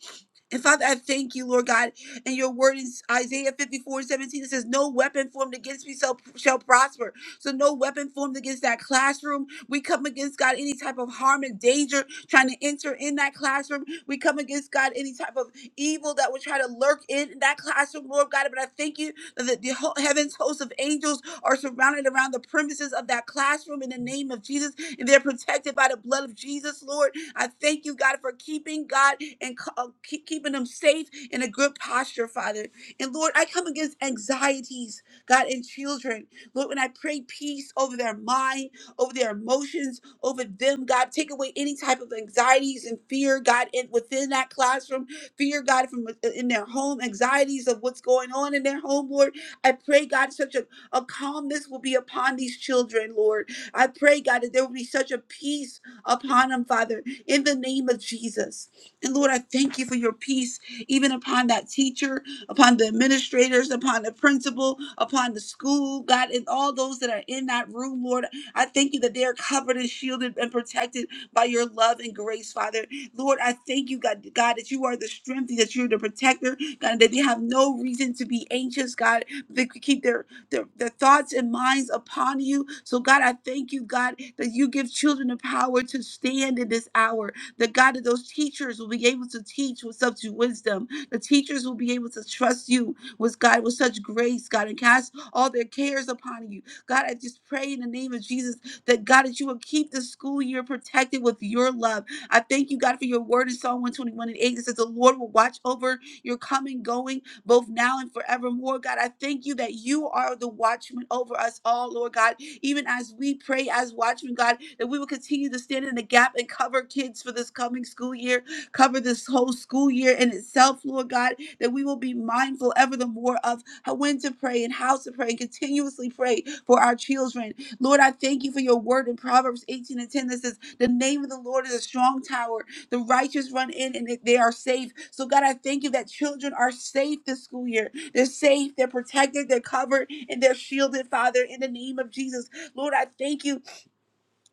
D: And Father, I thank you, Lord God. And your word in Isaiah 54 and 17, it says, No weapon formed against me shall, shall prosper. So, no weapon formed against that classroom. We come against, God, any type of harm and danger trying to enter in that classroom. We come against God any type of evil that would try to lurk in that classroom, Lord God. But I thank you that the, the whole heavens host of angels are surrounded around the premises of that classroom in the name of Jesus, and they're protected by the blood of Jesus, Lord. I thank you, God, for keeping God and co- uh, keep, keeping them safe in a good posture, Father. And Lord, I come against anxieties, God, in children. Lord, when I pray peace over their mind, over their emotions over them, God. Take away any type of anxieties and fear, God, in, within that classroom, fear, God, from with- in their home, anxieties of what's going on in their home, Lord. I pray, God, such a, a calmness will be upon these children, Lord. I pray, God, that there will be such a peace upon them, Father, in the name of Jesus. And Lord, I thank you for your peace, even upon that teacher, upon the administrators, upon the principal, upon the school, God, and all those that are in that room, Lord. I thank you that they are covered and shielded and protected by your love and grace, Father. Lord, I thank you, God, God, that you are the strength, that you're the protector, God, that they have no reason to be anxious, God. They could keep their, their, their thoughts and minds upon you. So, God, I thank you, God, that you give children the power to stand in this hour. That, God, that those teachers will be able to teach with such wisdom. The teachers will be able to trust you with, God, with such grace, God, and cast all their cares upon you God, I just pray in the name of Jesus that God, that you will keep the school year protected with your love. I thank you, God, for your word in Psalm 121 and 8 that says, The Lord will watch over your coming, going, both now and forevermore. God, I thank you that you are the watchman over us all, Lord God. Even as we pray as watchmen, God, that we will continue to stand in the gap and cover kids for this coming school year, cover this whole school year in itself, Lord God that we will be mindful ever the more of how- when to pray and how to pray and continuously pray for our children. Lord, I thank you for your word in Proverbs 18 and 10 that says, The name of the Lord is a strong tower. The righteous run in and they they are safe. So, God, I thank you that children are safe this school year. They're safe, they're protected, they're covered, and they're shielded, Father, in the name of Jesus. Lord, I thank you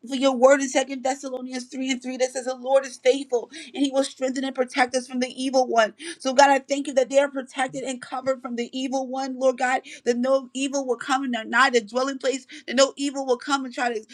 D: for your word in Second Thessalonians 3 and 3 that says the Lord is faithful and he will strengthen and protect us from the evil one. So, God, I thank you that they are protected and covered from the evil one, Lord God, that no evil will come and nigh the dwelling place, that no evil will come and try to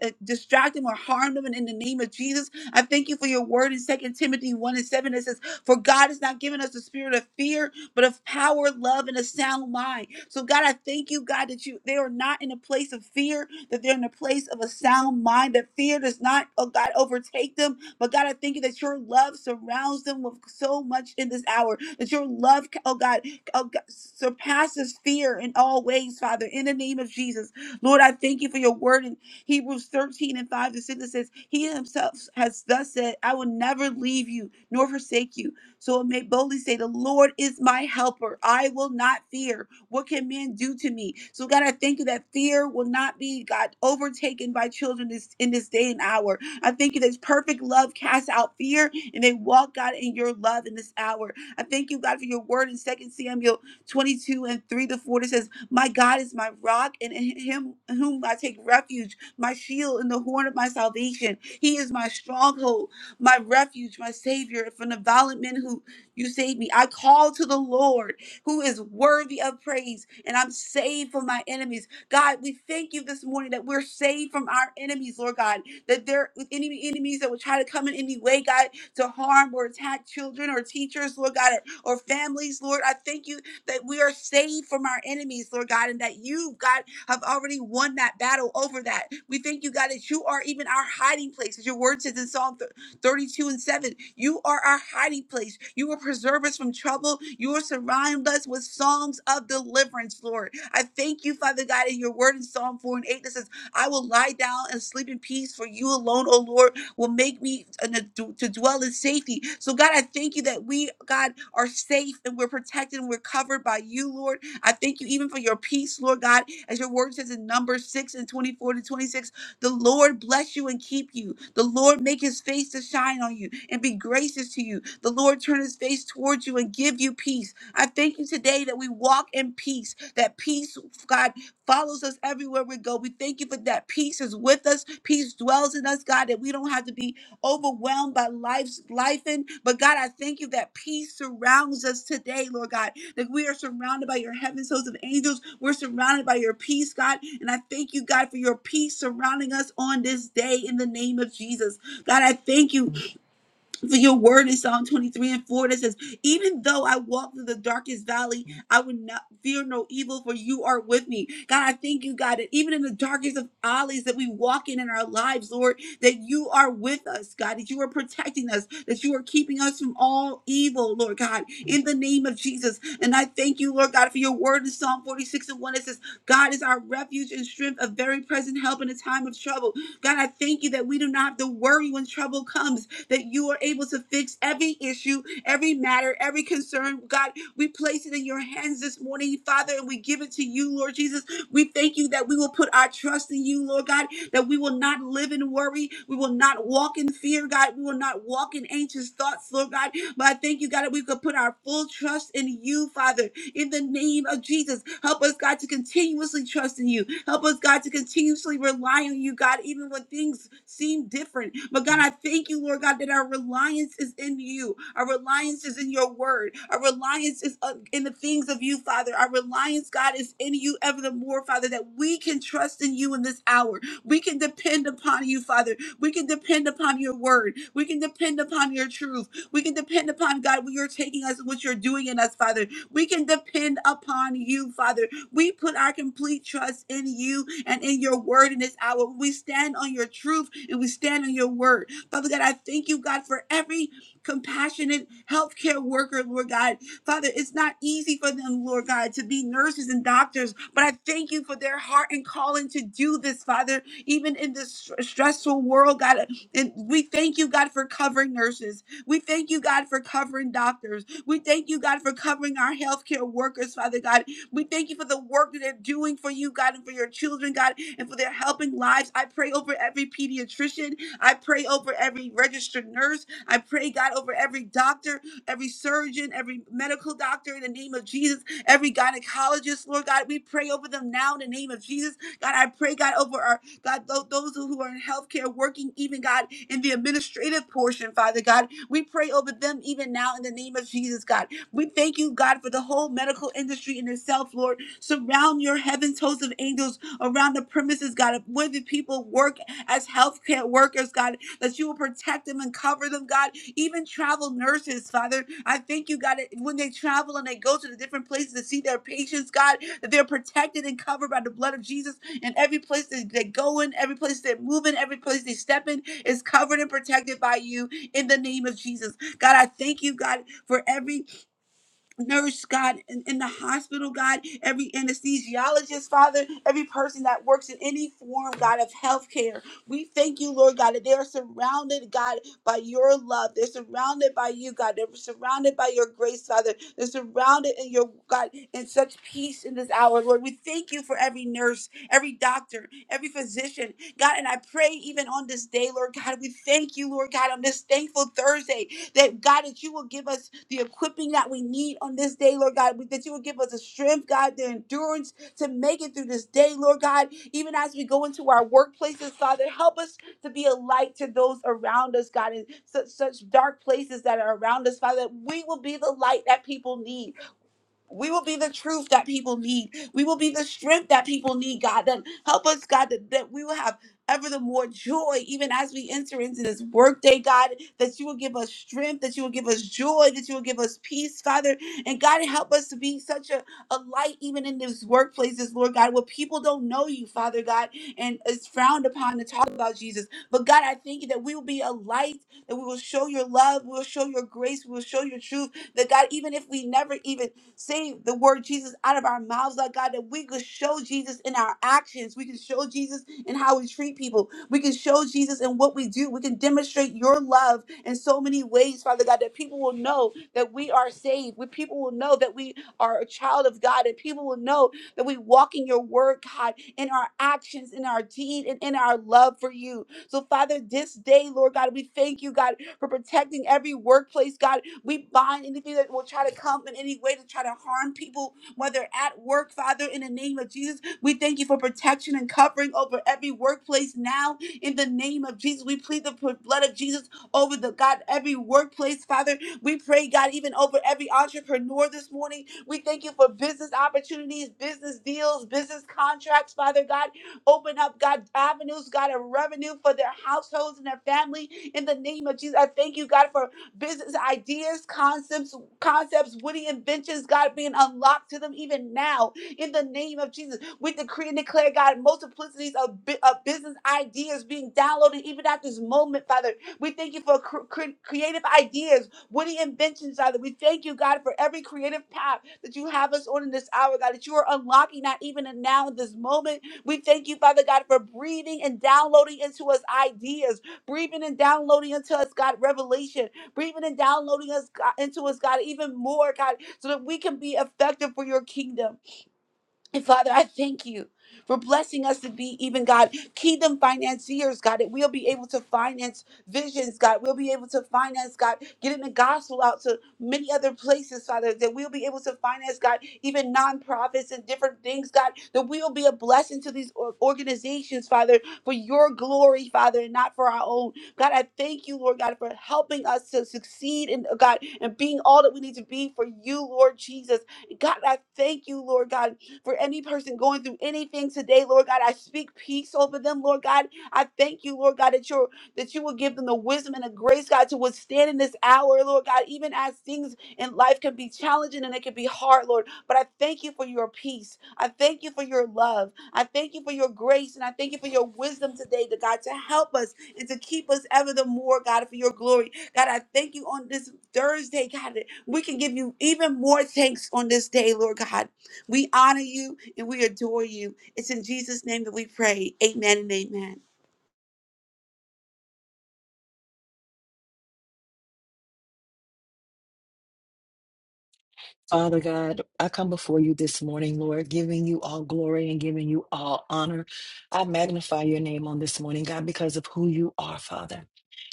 D: uh, distract them or harm them. And in the name of Jesus, I thank you for your word in Second Timothy 1 and 7 that says, For God has not given us the spirit of fear, but of power, love, and a sound mind. So, God, I thank you, God, that you they are not in a place of fear, that they're in a place of a sound mind, that fear does not, oh God, overtake them. But God, I thank you that your love surrounds them with so much in this hour, that your love, oh God, oh God surpasses fear in all ways, Father, in the name of Jesus. Lord, I thank you for your word in Hebrews 13 and 5 to 6 that says, He himself has thus said, I will never leave you nor forsake you. So it may boldly say, The Lord is my helper. I will not fear. What can men do to me? So, God, I thank you that fear will not be, God, overtaken by children this, in this day and hour. I thank you that perfect love casts out fear and they walk, God, in your love in this hour. I thank you, God, for your word in Second Samuel 22 and 3 to 4. It says, My God is my rock and in him whom I take refuge, my shield and the horn of my salvation. He is my stronghold, my refuge, my savior from the violent men who you saved me. I call to the Lord who is worthy of praise, and I'm saved from my enemies. God, we thank you this morning that we're saved from our enemies, Lord God, that there with any enemies that would try to come in any way, God, to harm or attack children or teachers, Lord God, or, or families, Lord. I thank you that we are saved from our enemies, Lord God, and that you, God, have already won that battle over that. We thank you, God, that you are even our hiding place, as your word says in Psalm 32 and 7. You are our hiding place. You will preserve us from trouble. You will surround us with songs of deliverance, Lord. I thank you, Father God, in your word in Psalm 4 and 8 that says, I will lie down and sleep in peace, for you alone, O Lord, will make me an- to dwell in safety. So, God, I thank you that we, God, are safe and we're protected and we're covered by you, Lord. I thank you even for your peace, Lord God, as your word says in Numbers 6 and 24 to 26. The Lord bless you and keep you. The Lord make his face to shine on you and be gracious to you. The Lord turn his face towards you and give you peace. I thank you today that we walk in peace, that peace, God, follows us everywhere we go. We thank you for that peace is with us. Peace dwells in us, God, that we don't have to be overwhelmed by life's life. And but God, I thank you that peace surrounds us today, Lord God that we are surrounded by your heavens, hosts of angels. We're surrounded by your peace, God. And I thank you, God, for your peace surrounding us on this day in the name of Jesus. God, I thank you for your word in Psalm 23 and 4 that says, Even though I walk through the darkest valley, I would not fear no evil, for you are with me. God, I thank you, God, that even in the darkest of alleys that we walk in in our lives, Lord, that you are with us, God, that you are protecting us, that you are keeping us from all evil, Lord God, in the name of Jesus. And I thank you, Lord God, for your word in Psalm 46 and 1 that says, God is our refuge and strength, a very present help in a time of trouble. God, I thank you that we do not have to worry when trouble comes that you are able to fix every issue, every matter, every concern. God, we place it in your hands this morning, Father, and we give it to you, Lord Jesus. We thank you that we will put our trust in you, Lord God, that we will not live in worry. We will not walk in fear, God. We will not walk in anxious thoughts, Lord God. But I thank you, God, that we could put our full trust in you, Father, in the name of Jesus. Help us, God, to continuously trust in you. Help us, God, to continuously rely on you, God, even when things seem different. But God, I thank you, Lord God, that our reliance is in you. Our reliance is in your word. Our reliance is uh, in the things of you, Father. Our reliance, God, is in you ever the more, Father, that we can trust in you in this hour. We can depend upon you, Father. We can depend upon your word. We can depend upon your truth. We can depend upon, God, what you're taking us and what you're doing in us, Father. We can depend upon you, Father. We put our complete trust in you and in your word in this hour. We stand on your truth and we stand on your word. Father God, I thank you, God, for every compassionate healthcare worker, Lord God. Father, it's not easy for them, Lord God, to be nurses and doctors, but I thank you for their heart and calling to do this, Father, even in this str- stressful world, God. And we thank you, God, for covering nurses. We thank you, God, for covering doctors. We thank you, God, for covering our healthcare workers, Father God. We thank you for the work that they're doing for you, God, and for your children, God, and for their helping lives. I pray over every pediatrician. I pray over every registered nurse. I pray, God, over every doctor, every surgeon, every medical doctor in the name of Jesus, every gynecologist, Lord God. We pray over them now in the name of Jesus. God, I pray, God, over our God, tho- those who are in healthcare working, even God, in the administrative portion, Father God, we pray over them even now in the name of Jesus, God. We thank you, God, for the whole medical industry in itself, Lord. Surround your heavens, host of angels around the premises, God, of where the people work as healthcare workers, God, that you will protect them and cover them, God. Even travel nurses, Father, I thank you, God, that when they travel and they go to the different places to see their patients, God, that they're protected and covered by the blood of Jesus and every place that they go in, every place they're moving, every place they step in is covered and protected by you in the name of Jesus. God, I thank you, God, for every nurse, God, in, in the hospital, God, every anesthesiologist, Father, every person that works in any form, God, of healthcare. We thank you, Lord God, that they are surrounded, God, by your love. They're surrounded by you, God. They're surrounded by your grace, Father. They're surrounded in your God in such peace in this hour, Lord. We thank you for every nurse, every doctor, every physician, God. And I pray even on this day, Lord God, we thank you, Lord God, on this thankful Thursday that God, that you will give us the equipping that we need on this day, Lord God, that you will give us the strength, God, the endurance to make it through this day, Lord God. Even as we go into our workplaces, Father, help us to be a light to those around us, God, in such such dark places that are around us, Father. that We will be the light that people need. We will be the truth that people need. We will be the strength that people need, God. Then help us, God, that, that we will have ever the more joy, even as we enter into this workday, God, that you will give us strength, that you will give us joy, that you will give us peace, Father. And God, help us to be such a, a light, even in these workplaces, Lord God, where people don't know you, Father God, and it's frowned upon to talk about Jesus. But God, I thank you that we will be a light, that we will show your love, we will show your grace, we will show your truth, that God, even if we never even Say the word Jesus out of our mouths, Lord God, that we could show Jesus in our actions. We can show Jesus in how we treat people. We can show Jesus in what we do. We can demonstrate your love in so many ways, Father God, that people will know that we are saved. We, people will know that we are a child of God, and people will know that we walk in your word, God, in our actions, in our deed, and in our love for you. So, Father, this day, Lord God, we thank you, God, for protecting every workplace, God. We bind anything that will try to come in any way to try to harm people, whether at work, Father, in the name of Jesus. We thank you for protection and covering over every workplace now in the name of Jesus. We plead the pl- blood of Jesus over the God, every workplace, Father. We pray, God, even over every entrepreneur this morning. We thank you for business opportunities, business deals, business contracts, Father God. Open up, God, avenues, God, of revenue for their households and their family in the name of Jesus. I thank you, God, for business ideas, concepts, concepts, witty inventions, God, being unlocked to them even now in the name of Jesus. We decree and declare, God, multiplicities of, bu- of business ideas being downloaded even at this moment, Father. We thank you for cr- cre- creative ideas, witty inventions, Father. We thank you, God, for every creative path that you have us on in this hour, God, that you are unlocking that even in now in this moment. We thank you, Father God, for breathing and downloading into us ideas breathing and downloading into us, God, revelation, breathing and downloading us God, into us, God, even more, God, so that we can be effective for your kingdom. And Father, I thank you for blessing us to be even God, kingdom financiers, God, that we'll be able to finance visions, God. We'll be able to finance, God, getting the gospel out to many other places, Father, that we'll be able to finance, God, even nonprofits and different things, God, that we'll be a blessing to these or- organizations, Father, for your glory, Father, and not for our own. God, I thank you, Lord God, for helping us to succeed in God and being all that we need to be for you, Lord Jesus. God, I thank you, Lord God for any person going through anything today, Lord God. I speak peace over them, Lord God. I thank you, Lord God, that you're that you will give them the wisdom and the grace, God, to withstand in this hour, Lord God, even as things in life can be challenging and it can be hard, Lord. But I thank you for your peace. I thank you for your love. I thank you for your grace and I thank you for your wisdom today, to God, to help us and to keep us ever the more, God, for your glory. God, I thank you on this Thursday, God, that we can give you even more thanks on this day, Lord God. We honor you and we adore you. It's in Jesus' name that we pray. Amen and amen.
A: Father God, I come before you this morning, Lord, giving you all glory and giving you all honor. I magnify your name on this morning, God, because of who you are, Father.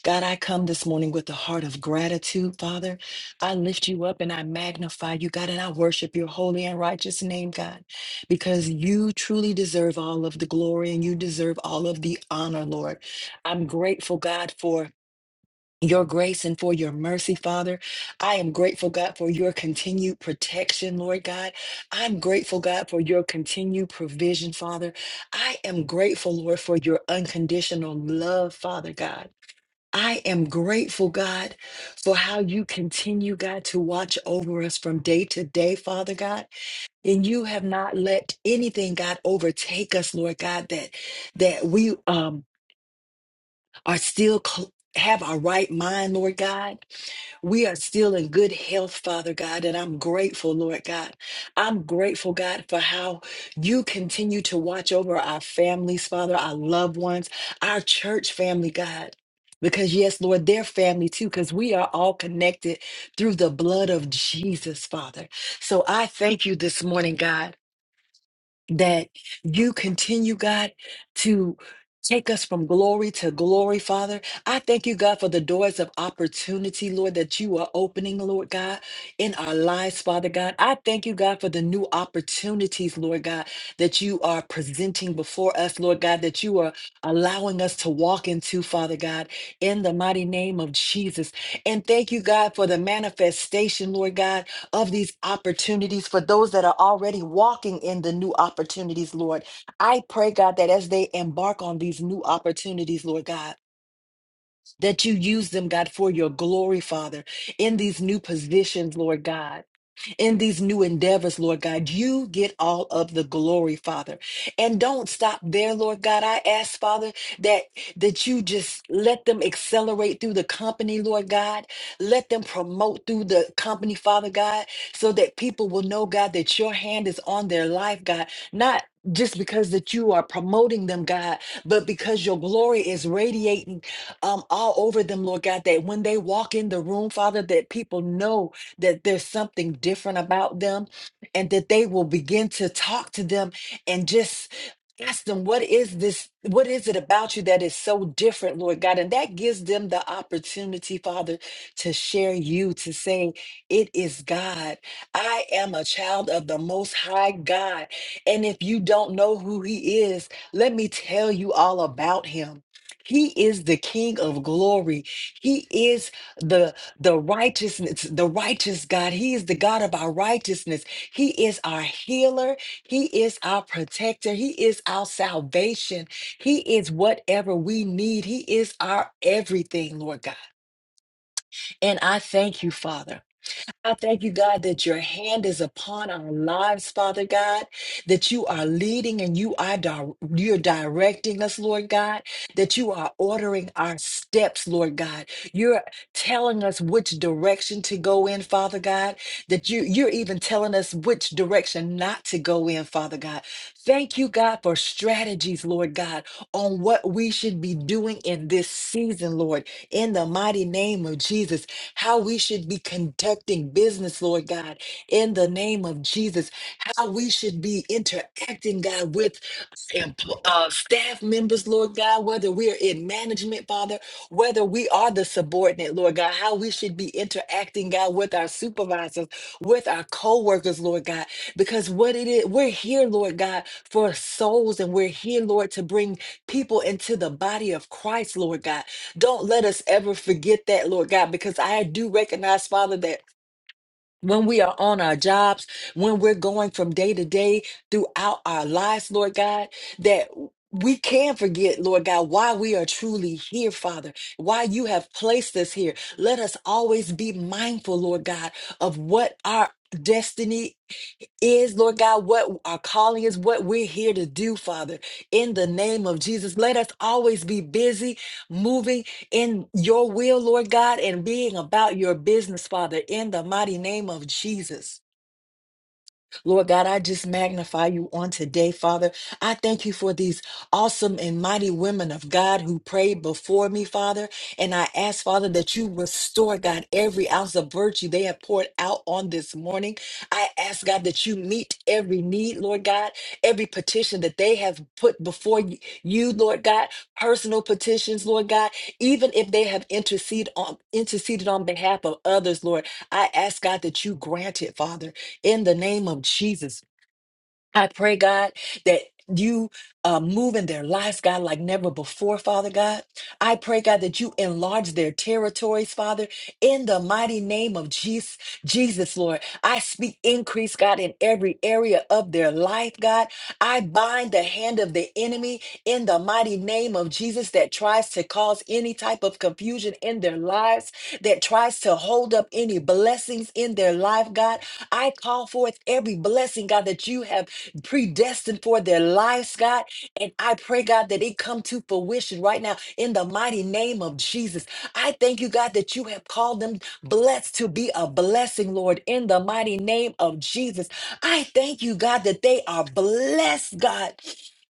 A: God, I come this morning with a heart of gratitude, Father. I lift you up and I magnify you, God, and I worship your holy and righteous name, God, because you truly deserve all of the glory and you deserve all of the honor, Lord. I'm grateful, God, for your grace and for your mercy, Father. I am grateful, God, for your continued protection, Lord God. I'm grateful, God, for your continued provision, Father. I am grateful, Lord, for your unconditional love, Father God. I am grateful, God, for how you continue, God, to watch over us from day to day, Father God. And you have not let anything, God, overtake us, Lord God, that that we um are still cl- have our right mind, Lord God. We are still in good health, Father God, and I'm grateful, Lord God. I'm grateful, God, for how you continue to watch over our families, Father, our loved ones, our church family, God. Because, yes, Lord, they're family too, because we are all connected through the blood of Jesus, Father. So I thank you this morning, God that you continue, God, to take us from glory to glory, Father. I thank you, God, for the doors of opportunity, Lord, that you are opening, Lord God, in our lives, Father God. I thank you, God, for the new opportunities, Lord God, that you are presenting before us, Lord God, that you are allowing us to walk into, Father God, in the mighty name of Jesus. And thank you, God, for the manifestation, Lord God of these opportunities for those that are already walking in the new opportunities, Lord. I pray, God, that as they embark on these new opportunities, Lord God, that you use them, God, for your glory, Father, in these new positions, Lord God in these new endeavors, Lord God. You get all of the glory, Father. And don't stop there, Lord God. I ask, Father, that that you just let them accelerate through the company, Lord God. Let them promote through the company, Father God, so that people will know, God, that your hand is on their life, God. Not just because that you are promoting them, God, but because your glory is radiating um, all over them, Lord God, that when they walk in the room, Father, that people know that there's something different about them and that they will begin to talk to them and just ask them what is this what is it about you that is so different lord god and that gives them the opportunity father to share you to say it is god i am a child of the most high god and if you don't know who he is let me tell you all about him he is the king of glory he is the." the righteousness, the righteous God. He is the God of our righteousness. He is our healer. He is our protector. He is our salvation. He is whatever we need. He is our everything, Lord God. And I thank you, Father. I thank you, God, that your hand is upon our lives, Father God, that you are leading and you are di- you're directing us, Lord God, that you are ordering our steps, Lord God. You're telling us which direction to go in, Father God, that you you're even telling us which direction not to go in, Father God. Thank you, God, for strategies, Lord God, on what we should be doing in this season, Lord, in the mighty name of Jesus how we should be conducting business, Lord God, in the name of Jesus, how we should be interacting, God, with empl- uh, staff members, Lord God, whether we are in management, Father, whether we are the subordinate, Lord God, how we should be interacting, God, with our supervisors, with our co-workers, Lord God, because what it is, we're here, Lord God, for souls, and we're here, Lord, to bring people into the body of Christ, Lord God. Don't let us ever forget that, Lord God, because I do recognize, Father, that when we are on our jobs, when we're going from day to day throughout our lives, Lord God, that we can forget, Lord God, why we are truly here, Father, why you have placed us here. Let us always be mindful, Lord God, of what our destiny is, Lord God, what our calling is, what we're here to do, Father, in the name of Jesus. Let us always be busy moving in your will, Lord God, and being about your business, Father, in the mighty name of Jesus. Lord God, I just magnify you on today, Father. I thank you for these awesome and mighty women of God who prayed before me, Father. And I ask, Father, that you restore, God, every ounce of virtue they have poured out on this morning. I ask, God, that you meet every need, Lord God, every petition that they have put before y- you, Lord God, personal petitions, Lord God, even if they have interceded on interceded on behalf of others, Lord. I ask, God, that you grant it, Father in the name of Jesus. I pray, God, that you uh, move in their lives, God, like never before, Father God. I pray, God, that you enlarge their territories, Father, in the mighty name of Jesus, Jesus, Lord. I speak increase, God, in every area of their life, God. I bind the hand of the enemy in the mighty name of Jesus that tries to cause any type of confusion in their lives, that tries to hold up any blessings in their life, God. I call forth every blessing, God, that you have predestined for their lives, God. And I pray, God, that it come to fruition right now in the mighty name of Jesus. I thank you, God, that you have called them blessed to be a blessing, Lord, in the mighty name of Jesus. I thank you, God, that they are blessed, God.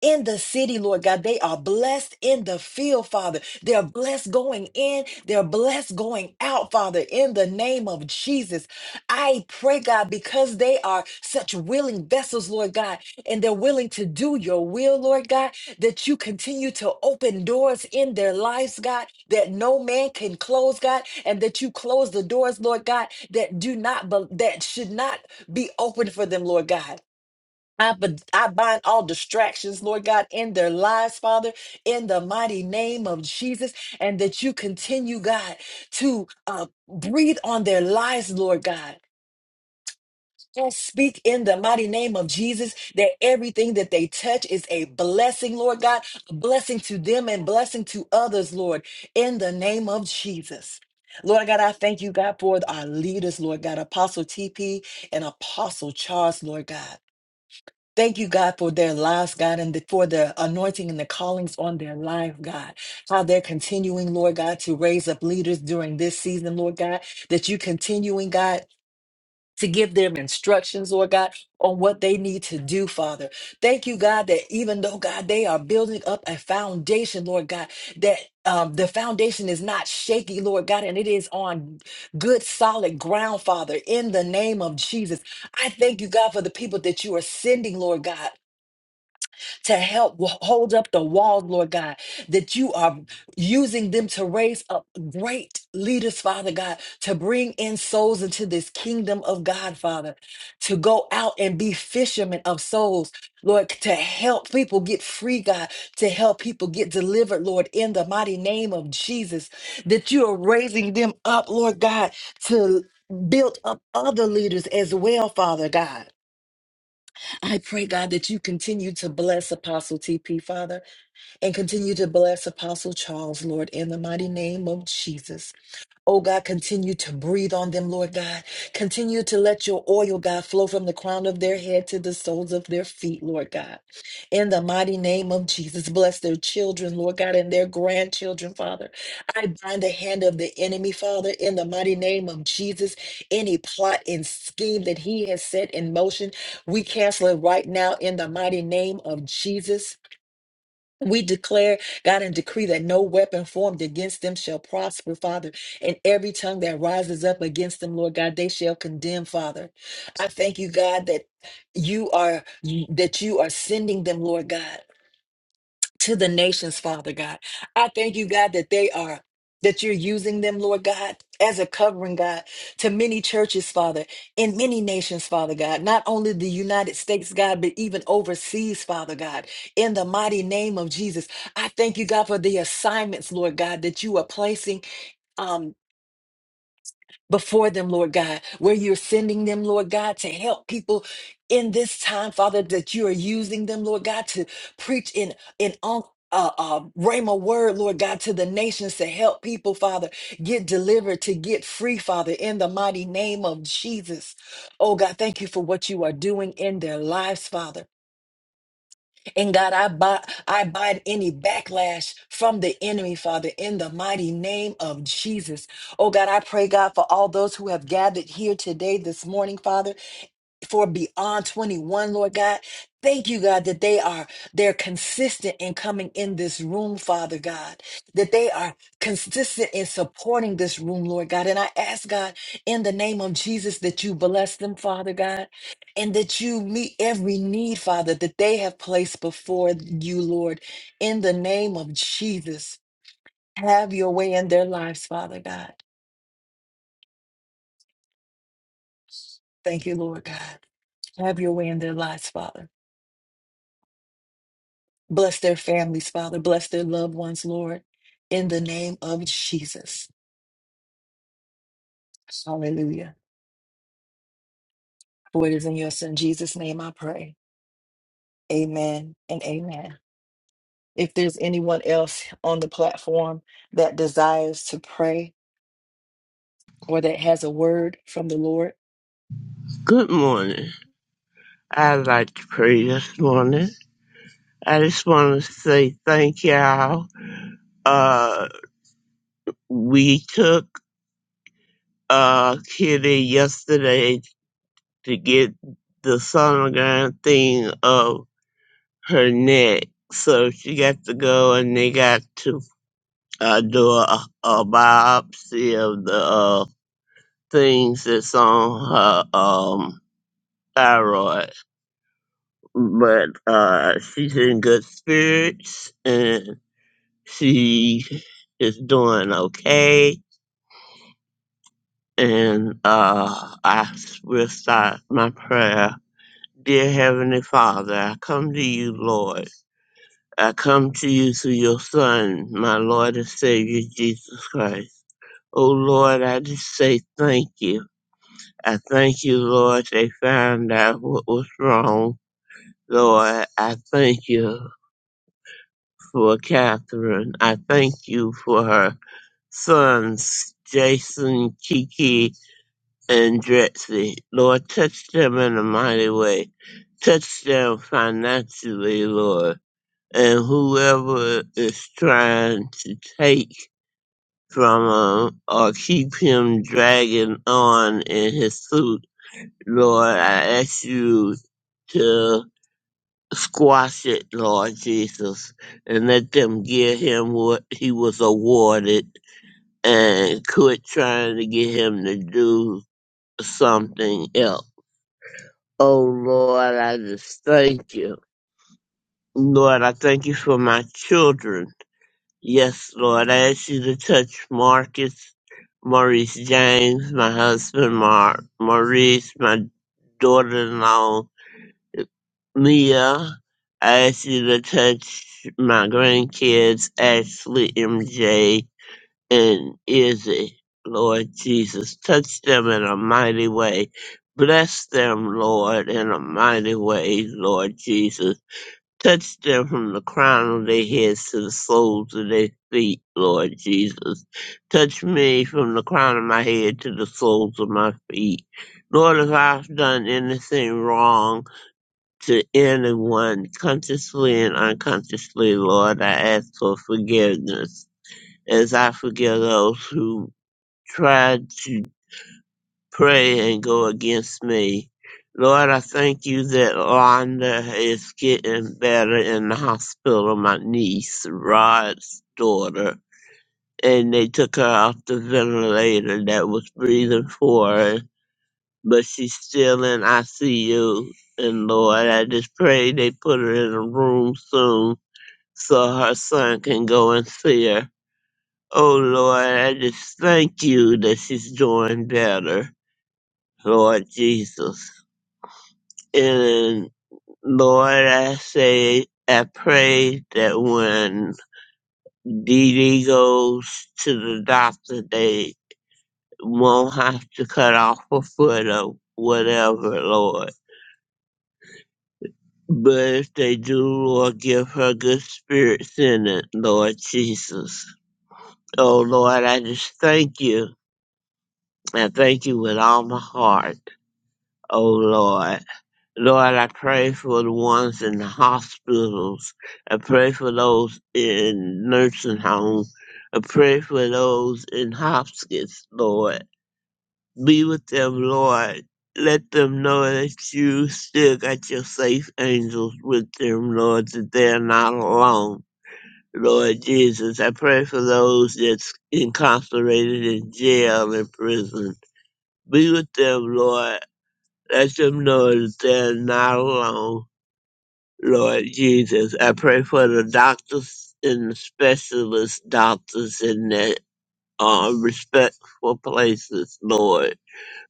A: In the city, Lord God, they are blessed in the field, Father. They're blessed going in, they're blessed going out, Father, in the name of Jesus. I pray, God, because they are such willing vessels, Lord God, and they're willing to do your will, Lord God, that you continue to open doors in their lives, God, that no man can close, God, and that you close the doors, Lord God, that do not, bel- that should not be open for them, Lord God. I, b- I bind all distractions, Lord God, in their lives, Father, in the mighty name of Jesus, and that you continue, God, to uh, breathe on their lives, Lord God I speak in the mighty name of Jesus that everything that they touch is a blessing, Lord God, a blessing to them and blessing to others, Lord, in the name of Jesus. Lord God, I thank you, God, for our leaders, Lord God, Apostle TP and Apostle Charles, Lord God. Thank you, God, for their lives, God, and the- for the anointing and the callings on their life, God. How they're continuing, Lord God, to raise up leaders during this season, Lord God, that you continuing, God to give them instructions, Lord God, on what they need to do, Father. Thank you, God, that even though, God, they are building up a foundation, Lord God, that um, the foundation is not shaky, Lord God, and it is on good, solid ground, Father, in the name of Jesus. I thank you, God, for the people that you are sending, Lord God to help wa- hold up the walls, Lord God, that you are using them to raise up great leaders, Father God, to bring in souls into this kingdom of God, Father, to go out and be fishermen of souls, Lord, to help people get free, God, to help people get delivered, Lord, in the mighty name of Jesus, that you are raising them up, Lord God, to build up other leaders as well, Father God. I pray, God, that you continue to bless Apostle TP, Father, and continue to bless Apostle Charles, Lord, in the mighty name of Jesus. Oh God, continue to breathe on them, Lord God. Continue to let your oil, God, flow from the crown of their head to the soles of their feet, Lord God. In the mighty name of Jesus, bless their children, Lord God, and their grandchildren, Father. I bind the hand of the enemy, Father, in the mighty name of Jesus. Any plot and scheme that he has set in motion, we cancel it right now in the mighty name of Jesus. We declare, God, and decree that no weapon formed against them shall prosper, Father, and every tongue that rises up against them, Lord God, they shall condemn, Father. I thank you, God, that you are that you are sending them, Lord God to the nations, Father God. I thank you, God, that they are. That you're using them, Lord God, as a covering, God, to many churches, Father, in many nations, Father God, not only the United States, God, but even overseas, Father God, in the mighty name of Jesus. I thank you, God, for the assignments, Lord God, that you are placing. um, before them, Lord God, where you're sending them, Lord God, to help people in this time, Father, that you are using them, Lord God, to preach in in on. Uh, uh, Rhema word, Lord God, to the nations to help people, Father, get delivered, to get free, Father, in the mighty name of Jesus. Oh God, thank you for what you are doing in their lives, Father. And God, I, bi- I bind any backlash from the enemy, Father, in the mighty name of Jesus. Oh God, I pray, God, for all those who have gathered here today, this morning, Father for beyond 21, Lord God. Thank you, God, that they are they're consistent in coming in this room, Father God, that they are consistent in supporting this room, Lord God. And I ask God in the name of Jesus that you bless them, Father God, and that you meet every need, Father, that they have placed before you, Lord, in the name of Jesus. Have your way in their lives, Father God. Thank you, Lord God. Have your way in their lives, Father. Bless their families, Father. Bless their loved ones, Lord. In the name of Jesus. Hallelujah. For it is in your son Jesus' name I pray. Amen and amen. If there's anyone else on the platform that desires to pray or that has a word from the Lord,
E: Good morning. I'd like to pray this morning. I just want to say thank y'all. Uh, we took uh Kitty yesterday to get the sonogram thing of her neck, so she got to go, and they got to uh, do a, a biopsy of the uh things that's on her um thyroid. But uh, she's in good spirits and. She is doing okay. And uh, I s- will start my prayer. Dear Heavenly Father, I come to you, Lord. I come to you through your Son, my Lord and Savior, Jesus Christ. Oh, Lord, I just say thank you. I thank you, Lord, they found out what was wrong. Lord, I thank you for Catherine. I thank you for her sons, Jason, Kiki, and Drexy. Lord, touch them in a mighty way. Touch them financially, Lord. And whoever is trying to take from him or keep him dragging on in his suit, Lord, I ask you to squash it, Lord Jesus, and let them give him what he was awarded and quit trying to get him to do something else Oh Lord, I just thank you. Lord, I thank you for my children. Yes, Lord, I ask you to touch Marcus, Maurice James, my husband, Mar- Maurice, my daughter-in-law, Mia. I ask you to touch my grandkids, Ashley, MJ, and Izzy. Lord Jesus, touch them in a mighty way. Bless them, Lord, in a mighty way, Lord Jesus. Touch them from the crown of their heads to the soles of their feet, Lord Jesus. Touch me from the crown of my head to the soles of my feet. Lord, if I've done anything wrong to anyone, consciously and unconsciously, Lord, I ask for forgiveness as I forgive those who tried to pray and go against me. Lord, I thank you that Londa is getting better in the hospital, my niece, Rod's daughter. And they took her off the ventilator that was breathing for her, but she's still in ICU. And Lord, I just pray they put her in a room soon so her son can go and see her. Oh Lord, I just thank you that she's doing better. Lord Jesus. And Lord, I say, I pray that when Dee Dee goes to the doctor, they won't have to cut off her foot or whatever, Lord. But if they do, Lord, give her good spirits in it, Lord Jesus. Oh, Lord, I just thank you. I thank you with all my heart, oh, Lord. Lord, I pray for the ones in the hospitals. I pray for those in nursing homes. I pray for those in hospice, Lord. Be with them, Lord. Let them know that you still got your safe angels with them, Lord, that they're not alone. Lord Jesus, I pray for those that's incarcerated in jail and prison. Be with them, Lord. Let them know that they're not alone Lord Jesus. I pray for the doctors and the specialist doctors in their uh, respectful places, Lord.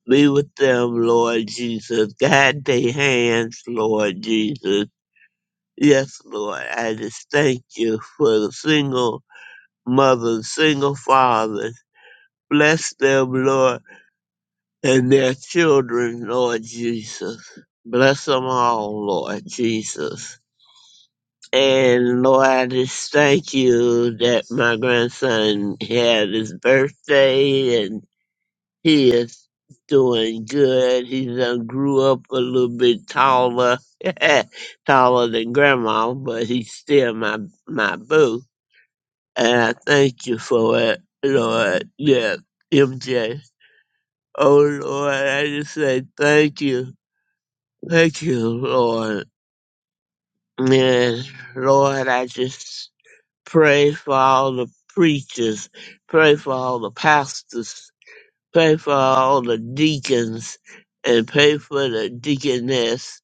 E: Be with them, Lord Jesus. Guide their hands, Lord Jesus. Yes, Lord, I just thank you for the single mothers, single fathers. Bless them, Lord, and their children, Lord Jesus. Bless them all, Lord Jesus. And Lord, I just thank you that my grandson had his birthday and he is doing good. He done grew up a little bit taller, [LAUGHS] taller than grandma, but he's still my, my boo. And I thank you for it, Lord. Yeah, MJ. Oh, Lord, I just say thank you. Thank you, Lord. And Lord, I just Pray for all the preachers. Pray for all the pastors. Pray for all the deacons. And pray for the deaconess.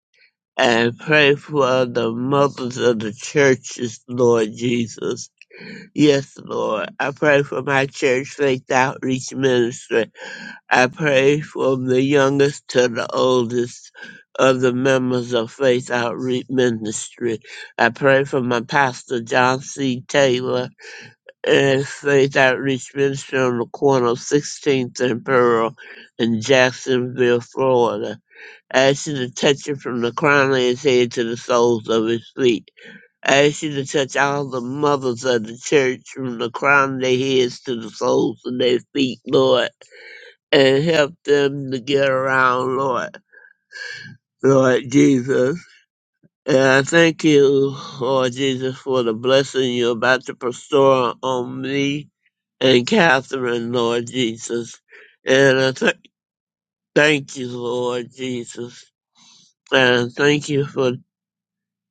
E: And pray for the mothers of the churches, Lord Jesus. Yes, Lord. I pray for my church, Faith Outreach Ministry. I pray from the youngest to the oldest of the members of Faith Outreach Ministry. I pray for my pastor, John C. Taylor and stayed at Richmond on the corner of 16th and Pearl in Jacksonville, Florida. Asking to touch it from the crown of his head to the soles of his feet. Asking to touch all the mothers of the church from the crown of their heads to the soles of their feet, Lord, and help them to get around, Lord. Lord Jesus. And I thank you, Lord Jesus, for the blessing you're about to bestow on me and Catherine, Lord Jesus. And I th- thank you, Lord Jesus. And I thank you for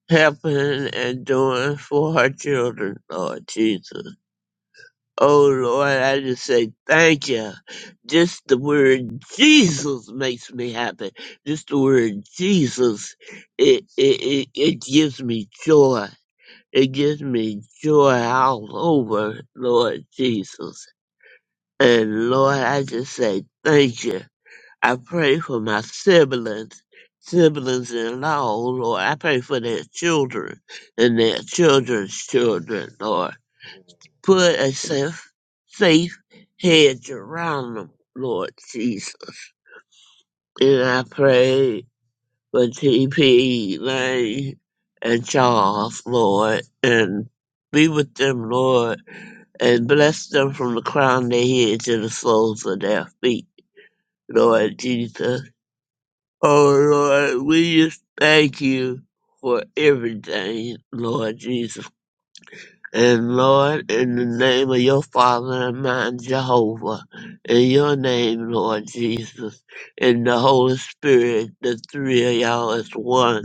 E: helping and doing for her children, Lord Jesus. Oh, Lord, I just say thank you. Just the word Jesus makes me happy. Just the word Jesus, it, it, it, it gives me joy It gives me joy all over, Lord Jesus. And Lord, I just say thank you. I pray for my siblings, siblings in law, Lord. I pray for their children and their children's children, Lord. Put a safe, safe hedge around them, Lord Jesus. And I pray for TP, Lane, and Charles, Lord, and be with them, Lord and bless them from the crown of their head to the soles of their feet, Lord Jesus. Oh Lord, we just thank you for everything, Lord Jesus. And Lord, in the name of your Father and mine, Jehovah, in your name, Lord Jesus, in the Holy Spirit, the three of y'all is one.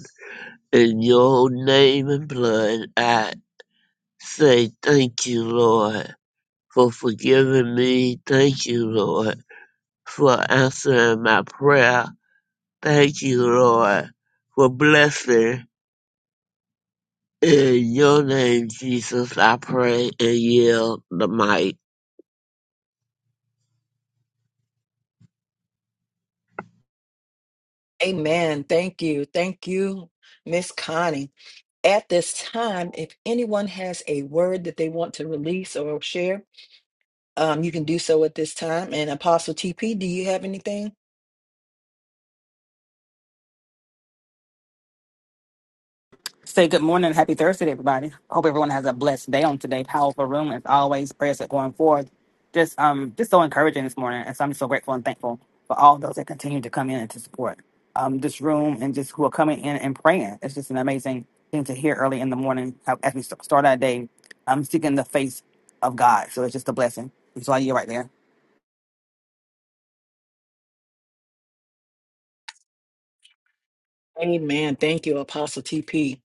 E: In your name and blood, I say thank you, Lord, for forgiving me. Thank you, Lord for answering my prayer. Thank you, Lord, for blessing. In your name, Jesus, I pray and yield the mic.
A: Amen. Thank you. Thank you, Miss Connie. At this time, if anyone has a word that they want to release or share, um, you can do so at this time. And Apostle TP, do you have anything?
F: Say good morning. and Happy Thursday, to everybody. Hope everyone has a blessed day on today. Powerful room as always. Prayers that going forward. Just um, just so encouraging this morning, and so I'm so grateful and thankful for all those that continue to come in and to support um this room and just who are coming in and praying. It's just an amazing thing to hear early in the morning how, as we st- start our day. I'm seeking the face of God, so it's just a blessing. So I you right there.
A: Amen. Thank you, Apostle TP.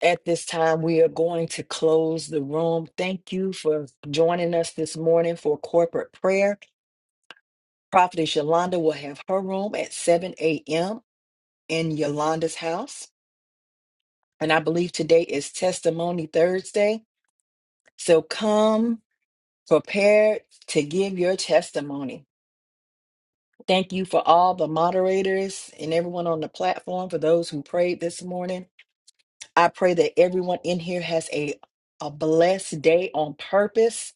A: At this time, we are going to close the room. Thank you for joining us this morning for corporate prayer. Prophetess Yolanda will have her room at 7 a.m. in Yolanda's house. And I believe today is Testimony Thursday. So come prepared to give your testimony. Thank you for all the moderators and everyone on the platform for those who prayed this morning. I pray that everyone in here has a, a blessed day on purpose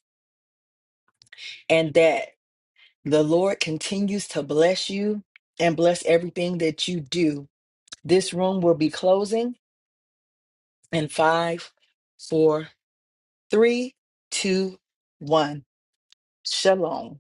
A: and that The Lord continues to bless you and bless everything that you do. This room will be closing in five, four, three, two, one. Shalom.